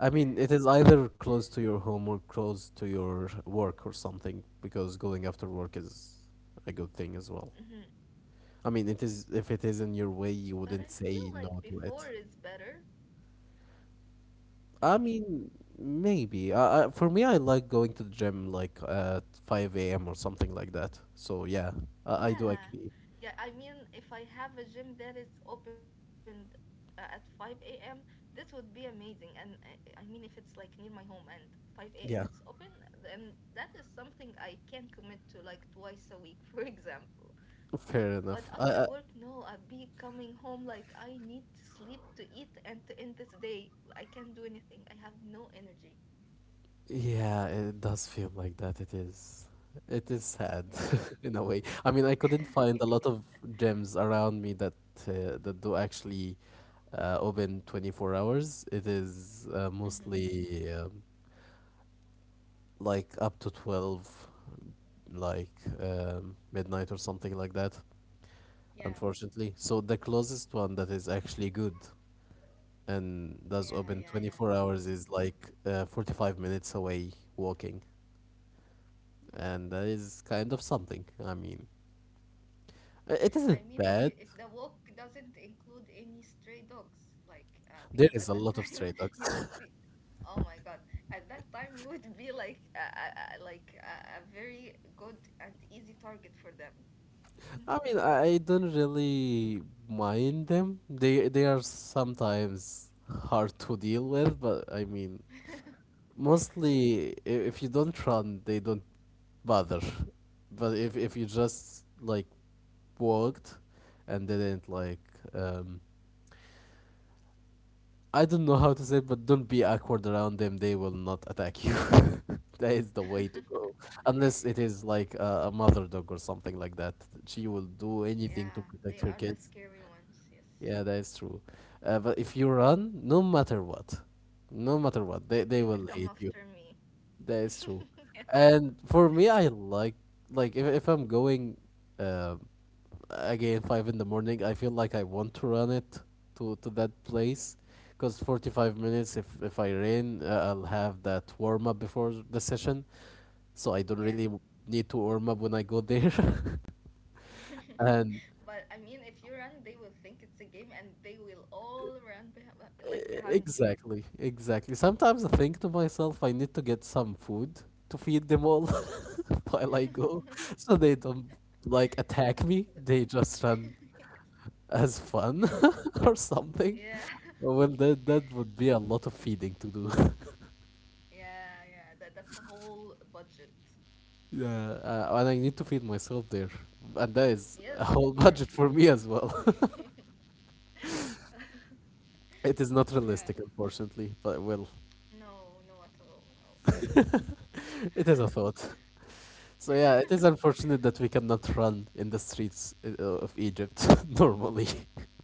B: I mean, it is either close to your home or close to your work or something. Because going after work is a good thing as well.
A: Mhm.
B: I mean, it is, if it is in your way, you
A: But
B: wouldn't
A: I
B: say
A: feel
B: no
A: like
B: to it.
A: before is better,
B: I mean,
A: maybe.
B: maybe. I, I, for me, I like going to the gym like at five a m or something like that. So yeah, I, I do agree.
A: Yeah. Yeah, I mean, if I have a gym that is opened uh, at five a m, this would be amazing. And I, I mean, if it's like near my home and five a m
B: Yeah,
A: it's open, then that is something I can commit to like twice a week, for example.
B: fair
A: But
B: enough. I,
A: after
B: I,
A: work, no, I'll be coming home like I need to sleep, to eat, and to end this day. I can't do anything. I have no energy.
B: yeah, it does feel like that. It is. It is sad in a
A: Yeah.
B: way. I mean, I couldn't find a lot of gyms around me that, uh, that do actually, uh, open twenty-four hours. It is, uh,
A: Mm-hmm.
B: mostly, um, like up to twelve, like, um, midnight or something like that,
A: Yeah.
B: unfortunately. So the closest one that is actually good and does open
A: Yeah, yeah,
B: twenty-four
A: yeah,
B: hours is
A: true.
B: like, uh, forty-five minutes away walking. And that is kind of something. I mean, i- it isn't
A: I mean, if
B: bad.
A: you, if the walk doesn't include any stray dogs, like uh, because
B: There
A: at
B: is a
A: that
B: lot of
A: time
B: stray dogs.
A: you would be, oh my God, at that time you would be like uh, uh, uh, like uh, a very good and easy target for them.
B: I mean, I I don't really mind them. They they are sometimes hard to deal with, but I mean, mostly i- if you don't run, they don't bother. But if if you just like walked and didn't like, um I don't know how to say it, but don't be awkward around them. They will not attack you. That is the way to go. Unless it is like a, a mother dog or something like that. She will do anything to
A: Yeah,
B: protect
A: they
B: her
A: are the
B: kids.
A: scary ones. Yes,
B: Yeah, that is true. Uh, but if you run, no matter what, no matter what, they, they
A: they
B: will
A: will
B: hate
A: come
B: you.
A: after me.
B: That is true.
A: Yes.
B: And for me, I like like if if I'm going, um again five in the morning, I feel like I want to run it to to that place, because forty-five minutes if if I rain, uh, I'll have that warm up before the session, so I don't really,
A: Yeah.
B: w- need to warm up when I go there. And
A: But I mean, if you run, they will think it's a game, and they will all run behind, like
B: E-
A: behind you.
B: exactly, exactly. Sometimes I think to myself, I need to get some food to feed them all while I go, so they don't like attack me. They just run as fun or something.
A: Yeah.
B: Well, that that would be a lot of feeding to do.
A: Yeah, yeah. That that's a whole budget.
B: Yeah, uh, and I need to feed myself there, and that is a
A: Yes,
B: whole
A: of
B: budget
A: course.
B: for me as well. It is not realistic,
A: Yeah.
B: unfortunately, but well,
A: No, no at all.
B: it is a
A: No.
B: thought. So yeah, it is unfortunate that we cannot run in the streets, uh, of Egypt normally.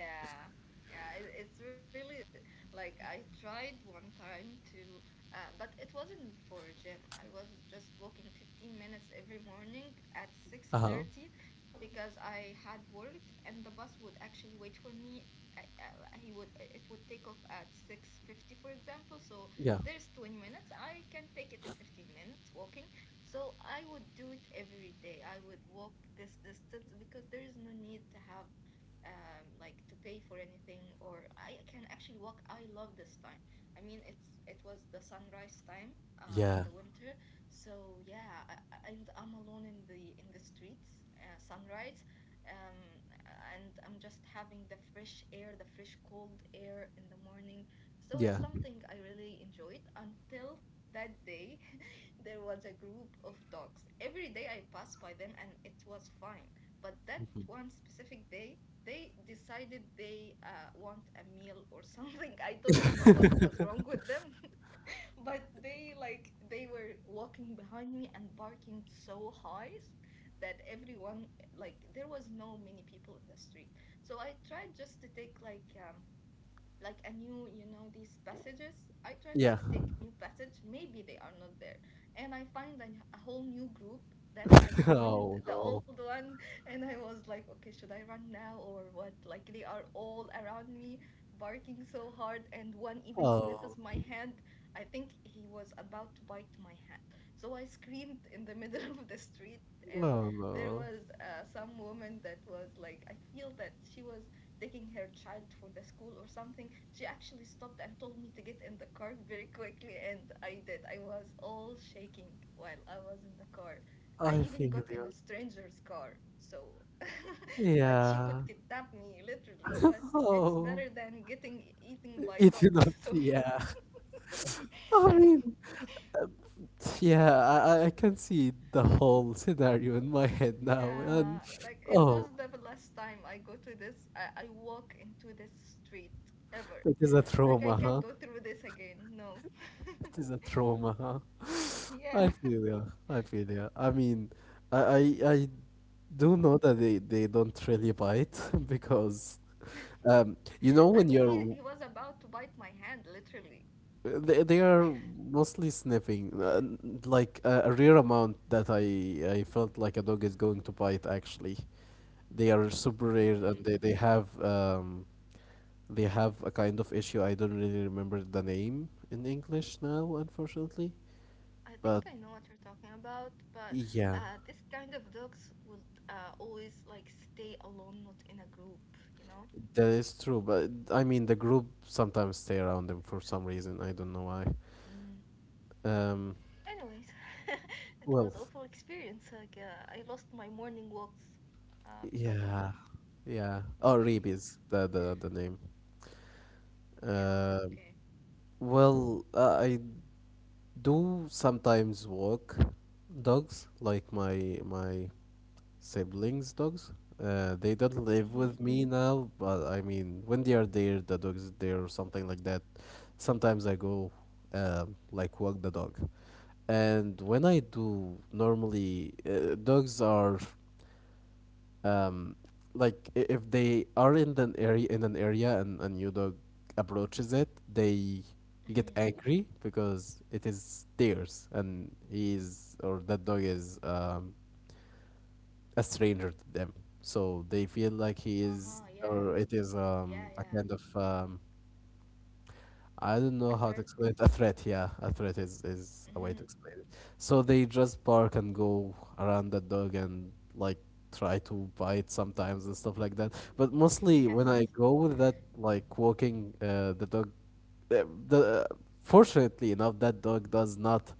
A: Yeah, yeah, it, it's really like I tried one time to, uh, but it wasn't for a gym. I was just walking fifteen minutes every morning at
B: Uh-huh.
A: six thirty, because I had work, and the bus would actually wait for me. I- I- He would it would take off at six fifty, for example. So
B: Yeah.
A: there's twenty minutes. I can take it in fifteen minutes walking. So I would do it every day. I would walk this distance because there is no need to have um, like to pay for anything, or I can actually walk. I love this time. I mean, it's it was the sunrise time uh, in
B: Yeah.
A: the winter, so yeah, I, I- and I'm alone in the in the streets, uh, sunrise, um, and I'm just having the fresh air, the fresh cold air in the morning. So
B: Yeah.
A: it's something I really enjoyed until that day. There was a group of dogs. Every day I passed by them and it was fine. But that
B: Mhm.
A: one specific day, they decided they uh, want a meal or something. I don't know what was wrong with them, but they like they were walking behind me and barking so high that everyone, like, there was no many people in the street. So I tried just to take like um, like a new, you know these passages. I try
B: Yeah.
A: to take new passage, maybe they are not there, and I find a, a whole new group that has
B: Oh
A: joined the
B: no.
A: old one. And I was like, okay, should I run now or what? Like, they are all around me barking so hard, and one even
B: Oh.
A: sniffs my hand. I think he was about to bite my hand. So I screamed in the middle of the street, and
B: Oh
A: there
B: no.
A: was uh, some woman that was like, I feel that she was taking her child for the school or something. She actually stopped and told me to get in the car very quickly, and I did. I was all shaking while I was in the car. I
B: I
A: even
B: feel
A: got in a
B: you.
A: stranger's car. So, like, she
B: Yeah.
A: could kidnap me literally, but it's
B: Oh.
A: better than getting e-, eaten by
B: Eating
A: dogs.
B: up.
A: So,
B: Yeah. I mean, yeah, I, I I can see the whole scenario in my head now.
A: yeah,
B: And
A: like, it was
B: oh,
A: the last time I go to this, I, I walk into this street ever.
B: it is a
A: Like, I
B: trauma,
A: can't
B: huh?
A: go through this again. No.
B: It is a trauma, huh? I
A: Yeah.
B: feel ya. I feel ya. I mean, I I, I do know that they, they don't really bite because, um, you know,
A: I
B: when
A: mean, he, he
B: you're,
A: was about to bite my hand, literally.
B: they, they are mostly sniffing, uh, n- like a, a rare amount that I I felt like a dog is going to bite. Actually, they are super rare,
A: Mm,
B: and they they have, um they have a kind of issue. I don't really remember the name in English now, unfortunately,
A: I
B: but
A: think I know what you're talking about, but
B: yeah.
A: uh, this kind of dogs would uh, always like stay alone, not in a group, you know?
B: That is true, but I mean, the group sometimes stay around them for some reason. I don't know why.
A: Mm.
B: Um,
A: Anyways, it was
B: Wolf.
A: awful experience. Like, uh, I lost my morning walks uh, because of them.
B: Yeah, yeah. Oh, Reeb is the the the name.
A: Yeah,
B: Uh,
A: okay.
B: well, uh, I do sometimes walk dogs, like my my siblings, dogs? Uh, they don't live
A: Hmm.
B: with me now, but I mean, when they are there, the dog is there or something like that. Sometimes I go, um, like walk the dog, and when I do, normally uh, dogs are, um, like i- if they are in an area in an area and a new dog approaches it, they
A: Mm-hmm.
B: get angry because it is theirs and he is, or that dog is um a stranger to them, so they feel like he
A: Uh-huh,
B: is
A: yeah.
B: or it is
A: Yeah,
B: um, a
A: yeah.
B: kind of um, I don't
A: A
B: know how
A: threat.
B: to explain it. A threat, yeah. A threat is, is a way
A: Mm-hmm.
B: to explain it. So they just bark and go around that dog and like try to bite sometimes and stuff like that. But mostly when I
A: Yes.
B: go with that, like walking uh, the dog, the, the fortunately enough, that dog does not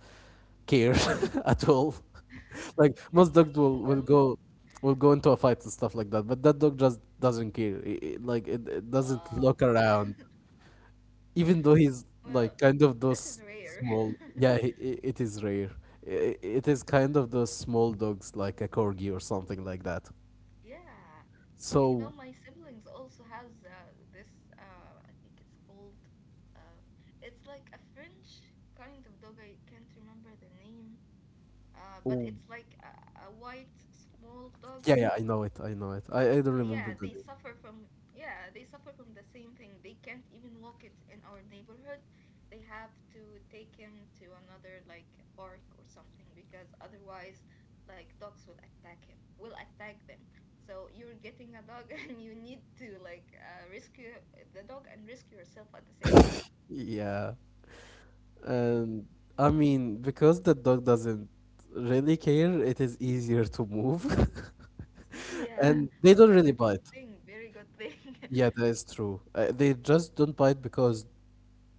B: care at all. Like most dogs will, will
A: Well,
B: go will go into a fight and stuff like that, but that dog just doesn't care. I- I- like it, it doesn't
A: wow.
B: look around, even though he's like
A: Well,
B: kind of
A: this is
B: those
A: rare.
B: small, yeah, he, i- it is rare. I- it is kind of those small dogs, like a corgi or something like that.
A: Yeah. You know,
B: So
A: my siblings also has uh, this uh, I think it's called uh, it's like a French kind of dog. I can't remember the name. Uh, but
B: oh,
A: it's like a, a white small
B: yeah,
A: dog.
B: yeah, I know it. i know it i, I don't
A: Yeah,
B: remember
A: they
B: the name.
A: suffer from, yeah, they suffer from the same thing. They can't even walk it in our neighborhood. They have to take him to another like park or something, because otherwise like dogs will attack him, will attack them. So you're getting a dog and you need to like uh, rescue the dog and rescue yourself at the same time.
B: Yeah, and I mean, because the dog doesn't really care, it is easier to move
A: Yeah,
B: and they
A: well,
B: don't
A: that's a
B: really
A: good
B: bite.
A: thing, very good thing.
B: Yeah, that is true. Uh, they just don't bite because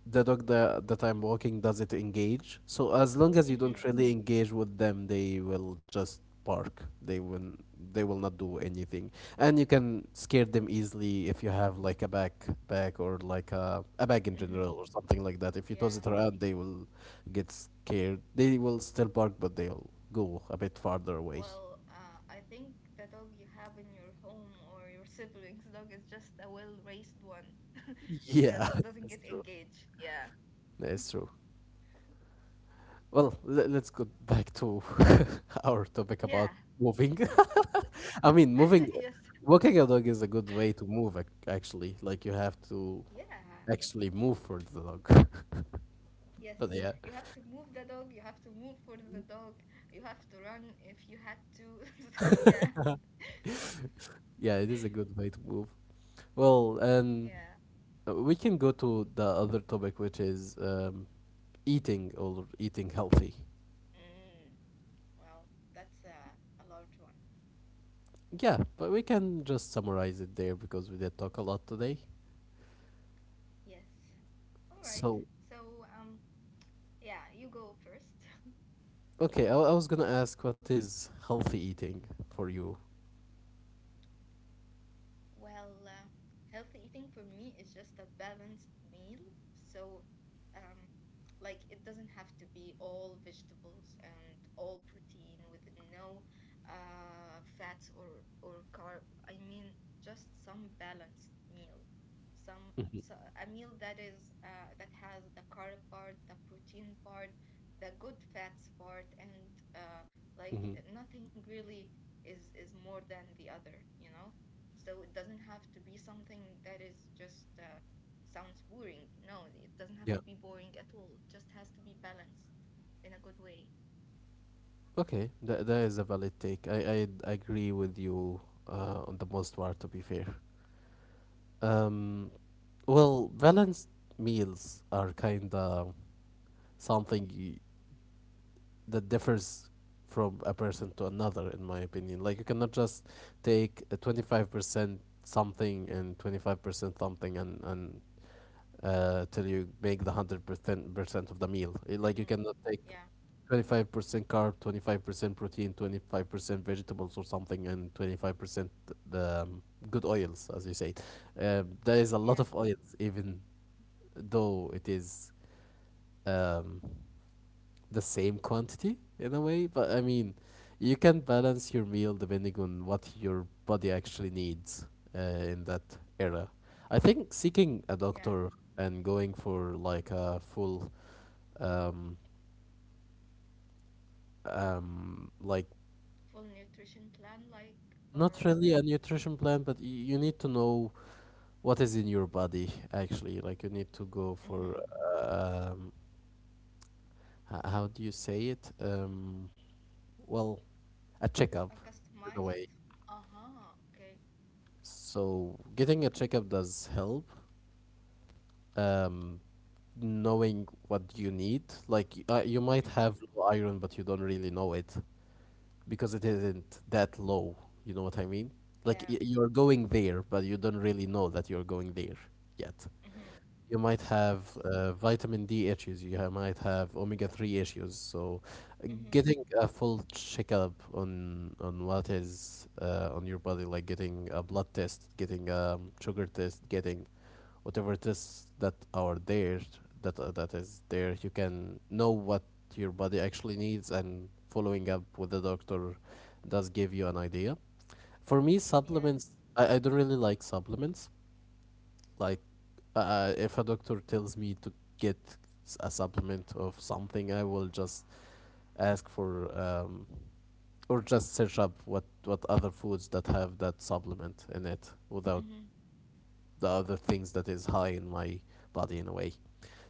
B: the dog that, that I'm walking doesn't engage. So as long as you don't
A: Mm-hmm,
B: really engage with them, they will just bark. They will they will not do anything. And you can scare them easily if you have like a backpack or like a, a bag in
A: mm-hmm,
B: general or something like that. If you toss
A: yeah.
B: it around, they will get scared. They will still bark, but they'll go a bit farther away.
A: Well, uh, I think the dog you have in your home or your siblings' dog is just a well-raised one. Because it
B: Yeah,
A: doesn't get
B: that's true.
A: engaged. Yeah.
B: That's true. Well, le- let's go back to our topic
A: Yeah.
B: about moving.
A: Yeah. W-
B: I mean, moving,
A: Yes.
B: walking a dog is a good way to move, ac- actually. Like, you have to
A: Yeah.
B: actually move for the dog.
A: Yes.
B: But yeah,
A: You have to move the dog. You have to move for the dog. You have to run if you had to. So, yeah.
B: yeah, it is a good way to move. Well, and
A: Yeah.
B: uh, we can go to the other topic, which is um, eating, or eating healthy.
A: Mm, well, that's a, a large one.
B: Yeah, but we can just summarize it there because we did talk a lot today.
A: Yes. All right.
B: So,
A: So, um, yeah, you go first.
B: okay, I, I was gonna ask, what is healthy eating for you?
A: Well, uh, healthy eating for me is just a balanced meal. So, um, like, it doesn't have to be all vegetables and all protein with no uh, fats or or carb. I mean, just some balanced meal. Some, so a meal that is uh, that has the carb part, the protein part, the good fats part, and uh, like
B: Hmm.
A: nothing really is is more than the other, you know? So it doesn't have to be something that is just uh, sounds boring. No, it doesn't have to
B: Yeah.
A: be boring at all. It just has to be balanced in a good way.
B: Okay, that, that is a valid take. I, I agree with you uh, on the most part, to be fair. Um, well, balanced meals are kind of something y that differs from a person to another, in my opinion. Like, you cannot just take a twenty-five percent something and twenty-five percent something, and, and uh, till you make the 100% percent percent of the meal. Eh,
A: Hmm.
B: Like, you cannot take
A: Yeah,
B: twenty-five percent carb, twenty-five percent protein, twenty-five percent vegetables or something, and twenty-five percent um, good oils, as you said. Um, there
A: yeah,
B: is a lot of oils, even though it is um, the same quantity in a way. But I mean, you can balance your meal depending on what your body actually needs uh, in that era. I think seeking a
A: yeah.
B: doctor and going for like a full um, um, like
A: Full nutrition plan, like, or
B: not really a nutrition plan, but y- you need to know what is in your body actually. Like you need to go
A: mm-hmm.
B: for um, h- how do you say it? Um, well, a
A: A
B: checkup, in a
A: customized.
B: way.
A: Uh huh. Okay.
B: So getting a checkup does help. Um, Knowing what you need, like y- uh, you might
A: Mm-hmm.
B: have low iron, but you don't really know it because it isn't that low. You know what I mean?
A: Yeah.
B: Like y- you're going there, but you don't really know that you're going there yet.
A: Mm-hmm.
B: You might have
A: Yes.
B: uh, vitamin D issues. You ha- might have omega three issues. So, uh,
A: Mm-hmm.
B: getting a full checkup on on what is uh, on your body, like getting a blood test, getting a sugar test, getting whatever tests that are there, that uh, that is there, you can know what your body actually needs, and following up with the doctor does give you an idea. For me,
A: Yeah.
B: supplements, I, I don't really like supplements. Like, uh, if a doctor tells me to get s- a supplement of something, I will just ask for um, or just search up what what other foods that have that supplement in it without
A: Mm-hmm.
B: the other things that is high in my body in a way.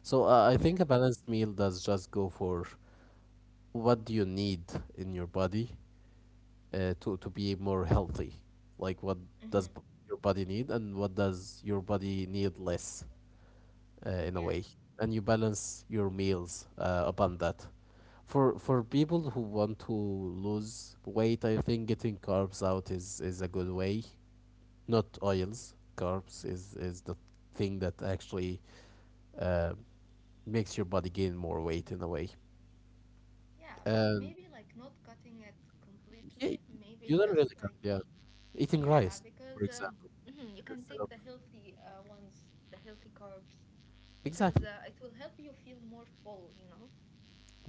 B: So uh, I think
A: Yeah.
B: a balanced meal does just go for what do you need in your body uh, to to be more healthy, like what
A: Mm-hmm.
B: does b- your body need and what does your body need less uh, in a
A: Yeah.
B: way, and you balance your meals uh, upon that. For for people who want to lose weight, I think getting carbs out is is a good way. Not oils. Carbs is is the thing that actually uh, makes your body gain more weight in a way.
A: Yeah, but
B: And
A: maybe like not cutting it
B: yeah,
A: completely, maybe
B: you don't really
A: just
B: cut.
A: like.
B: Yeah, eating
A: Yeah,
B: rice,
A: because
B: for
A: um,
B: example,
A: you can
B: instead
A: take
B: of.
A: the healthy uh, ones, the healthy carbs, because
B: Exactly.
A: uh, it will help you feel more full, you know?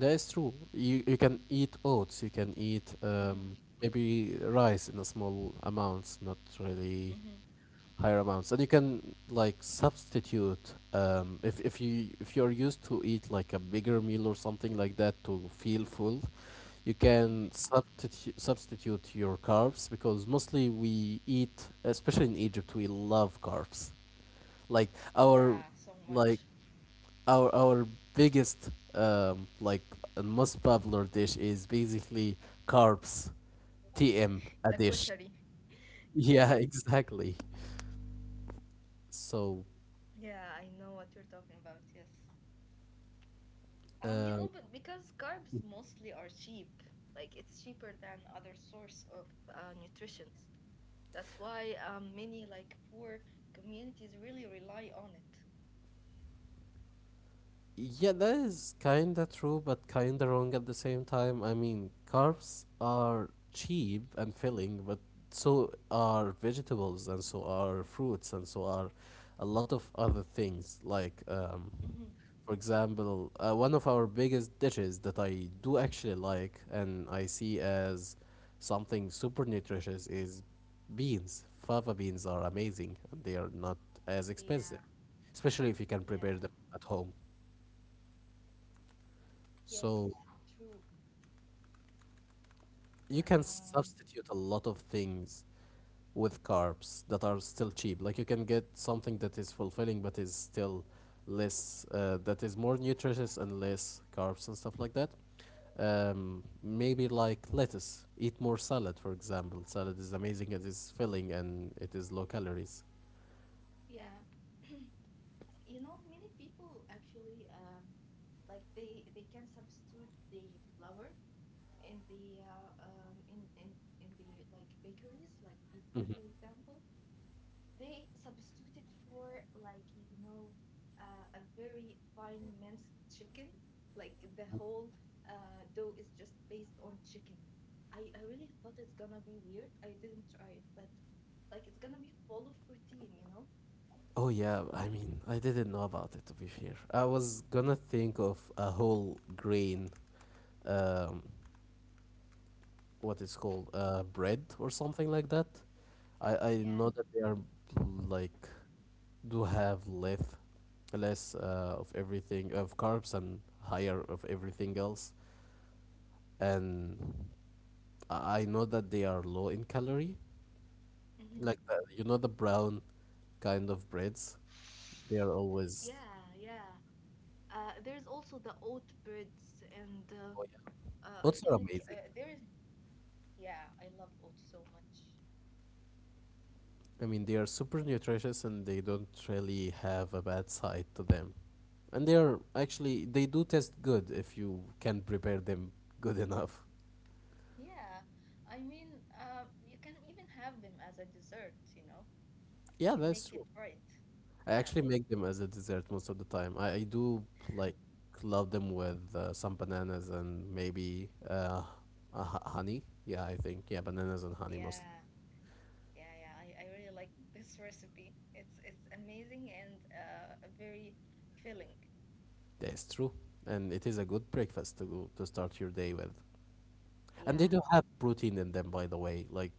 B: That is true. You you can eat oats. You can eat
A: Hmm.
B: um, maybe rice in a small amounts, not really
A: Hmm.
B: higher amounts. And you can like substitute um, if if you if you're used to eat like a bigger meal or something like that to feel full, you
A: Hmm.
B: can substitute substitute your carbs, because mostly we eat, especially in Egypt, we love carbs. Like
A: Yeah,
B: our
A: so much.
B: like our our biggest um, like, and most popular dish is basically carbs, T M
A: The
B: a dish.
A: koshari.
B: Yeah,
A: Yes.
B: exactly. So
A: Yeah, I know what you're talking about. Yes. Um, you know,
B: uh,
A: but because carbs mostly are cheap, like it's cheaper than other source of uh, nutrition. That's why um, many like poor communities really rely on it.
B: yeah, that is kinda true, but kinda wrong at the same time. I mean, carbs are cheap and filling, but so are vegetables, and so are fruits, and so are a lot of other things. Like, um,
A: Hmm.
B: for example, uh, one of our biggest dishes that I do actually like and I see as something super nutritious is beans. Fava beans are amazing, and they are not as
A: Yeah,
B: expensive, especially if you can
A: yeah,
B: prepare
A: yeah.
B: them at home. So
A: Yes, true.
B: you can
A: Um,
B: substitute a lot of things with carbs that are still cheap. Like you can get something that is fulfilling but is still less, uh, that is more nutritious and less carbs and stuff like that. Um, maybe like lettuce. Eat more salad, for example. Salad is amazing. It is filling and it is low calories.
A: yeah, you know, many people actually um, like they they can substitute the flour in the uh, um, in in in the like bakeries, like pizza, for example. They substituted for like, you know, uh, a very fine minced chicken. Like the whole uh, dough is just based on chicken. I, I really thought it's gonna be weird. I didn't try it, but like it's gonna be full of protein, you know.
B: Oh yeah, I mean, I didn't know about it, to be fair. I was gonna think of a whole grain, um, what it's called, uh, bread or something like that. I I
A: Yeah.
B: know that they are, like, do have less less uh, of everything, of carbs, and higher of everything else. And I I know that they are low in calorie.
A: Hmm.
B: Like the, you know the brown kind of breads, they are always.
A: Yeah, yeah. Uh, there's also the oat breads, and uh,
B: Oh yeah,
A: uh, I
B: oats are
A: think uh,
B: amazing.
A: there is. Yeah, I love oats so much.
B: I mean, they are super nutritious and they don't really have a bad side to them. And they are actually, they do taste good if you can prepare them good enough.
A: Yeah, I mean, uh, you can even have them as a dessert, you know, if you
B: Yeah,
A: make
B: that's
A: it
B: true.
A: right.
B: I
A: Yeah,
B: actually make them as a dessert most of the time. I, I do like love them with uh, some bananas and maybe uh, uh, ho- honey. Yeah, I think. Yeah, bananas and honey mostly.
A: yeah, yeah, yeah. I, I really like this recipe. It's it's amazing and uh, very filling.
B: That's true. And it is a good breakfast to go to start your day with. And
A: Yeah.
B: they do have protein in them, by the way. Like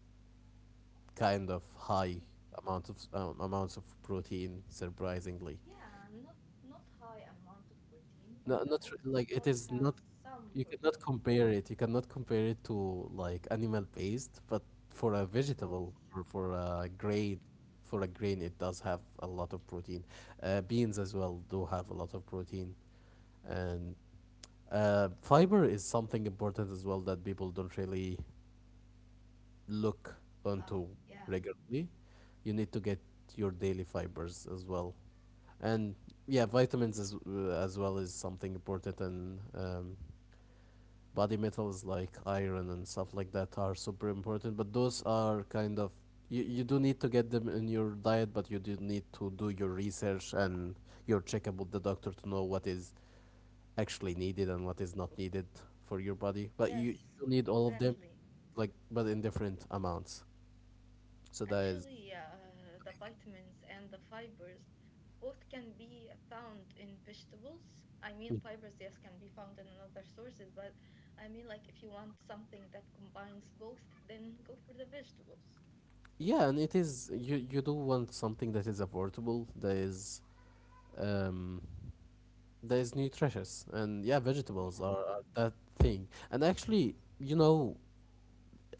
B: kind of high amount of um, amounts of protein, surprisingly.
A: Yeah, not not high amount of protein, but
B: No,
A: the
B: not
A: oats
B: re- like, it
A: itself
B: is
A: has
B: not.
A: some
B: You cannot
A: protein,
B: compare it you cannot compare it to like animal based, but for a
A: of course.
B: vegetable or for a
A: Yeah.
B: grain for a grain it does have a lot of protein. Uh, beans as well do have a lot of protein, and uh, fiber is something important as well that people don't really look
A: Ah,
B: onto
A: yeah.
B: regularly. You need to get your daily fibers as well. And yeah, vitamins as, as well is something important, and um, body metals like iron and stuff like that are super important. But those are kind of, you, you do need to get them in your diet, but you do need to do your research and your checkup with the doctor to know what is actually needed and what is not needed for your body. But you, you
A: Yes,
B: do need all of them,
A: exactly.
B: like, but in different amounts. So that is,
A: Actually, yeah, the vitamins and the fibers both can be found in vegetables. I mean, fibers, yes, can be found in other sources, but I mean, like, if you want something that combines both, then go for the vegetables.
B: yeah, and it is you you do want something that is affordable, that is um that is nutritious, and yeah, vegetables
A: Yeah,
B: are, are that thing. And actually, you know,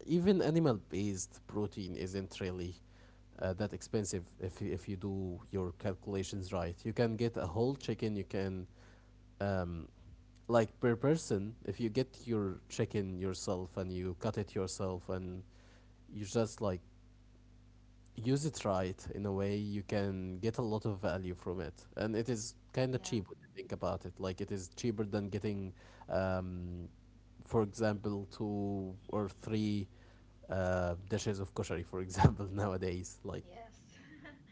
B: even animal-based protein isn't really uh, that expensive if you, if you do your calculations right. You can get a whole chicken. You can, um like, per person, if you get your chicken yourself and you cut it yourself and you just like use it right in a way, you can get a lot of value from it, and it is kind of
A: yeah.
B: cheap when you think about it. Like it is cheaper than getting um, for example two or three uh, dishes of koshari, for example, nowadays. Like
A: Yes. Of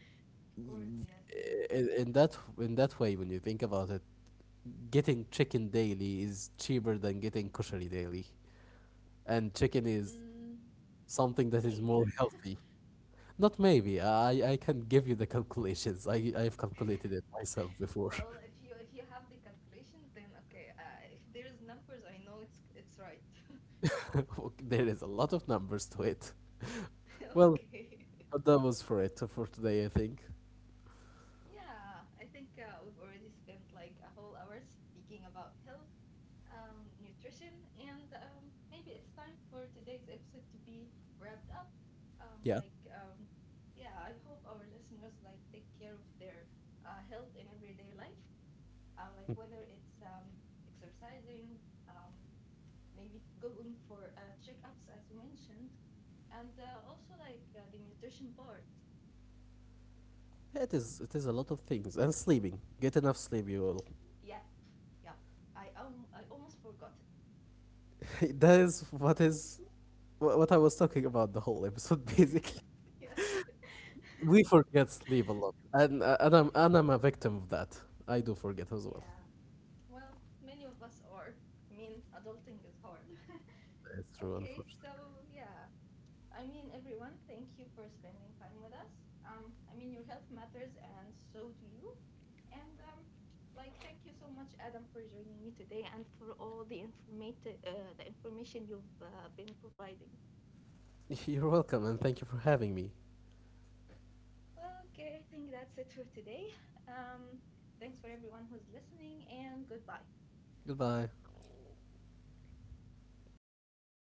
A: course,
B: y-
A: yes, yes.
B: in, in that in that way, when you think about it, getting chicken daily is cheaper than getting koshari daily, and chicken is
A: Mm,
B: something that is more
A: maybe.
B: healthy. Not maybe. I I can give you the calculations. I I've calculated it myself before.
A: Well, if you if you have the calculation, then okay. Uh, if there's numbers, I know it's it's right.
B: Ok- There is a lot of numbers to it. Well,
A: Okay.
B: but that was for it for today, I think.
A: Yeah, I think uh, we've already spent like a whole hour speaking about health, um, nutrition, and um, maybe it's time for today's episode to be wrapped up. Um,
B: Yeah.
A: like, um, yeah, I hope our listeners like take care of their uh, health in everyday life, uh, like whether it's um, exercising, um, maybe going for uh, checkups as you mentioned, and uh, also like uh, the nutrition part.
B: It is it is a lot of things, and sleeping. Get enough sleep, you all.
A: Yeah, yeah, I um, I almost forgot.
B: That is what is wha- what I was talking about the whole episode basically.
A: Yeah.
B: We forget sleep a lot, and uh, and I'm and I'm a victim of that. I do forget as well.
A: Yeah. Well, many of us are. I mean, adulting is hard.
B: It's true,
A: Okay,
B: unfortunately.
A: so yeah. I mean, everyone, thank you for spending time with us. Um, I mean, your health matters, and so do you. And um, like, thank you so much, Adam, for joining me today, and for all the informative, uh, the information you've uh, been providing.
B: You're welcome, and thank you for having me.
A: Well, okay, I think that's it for today. Um, thanks for everyone who's listening, and goodbye.
B: Goodbye.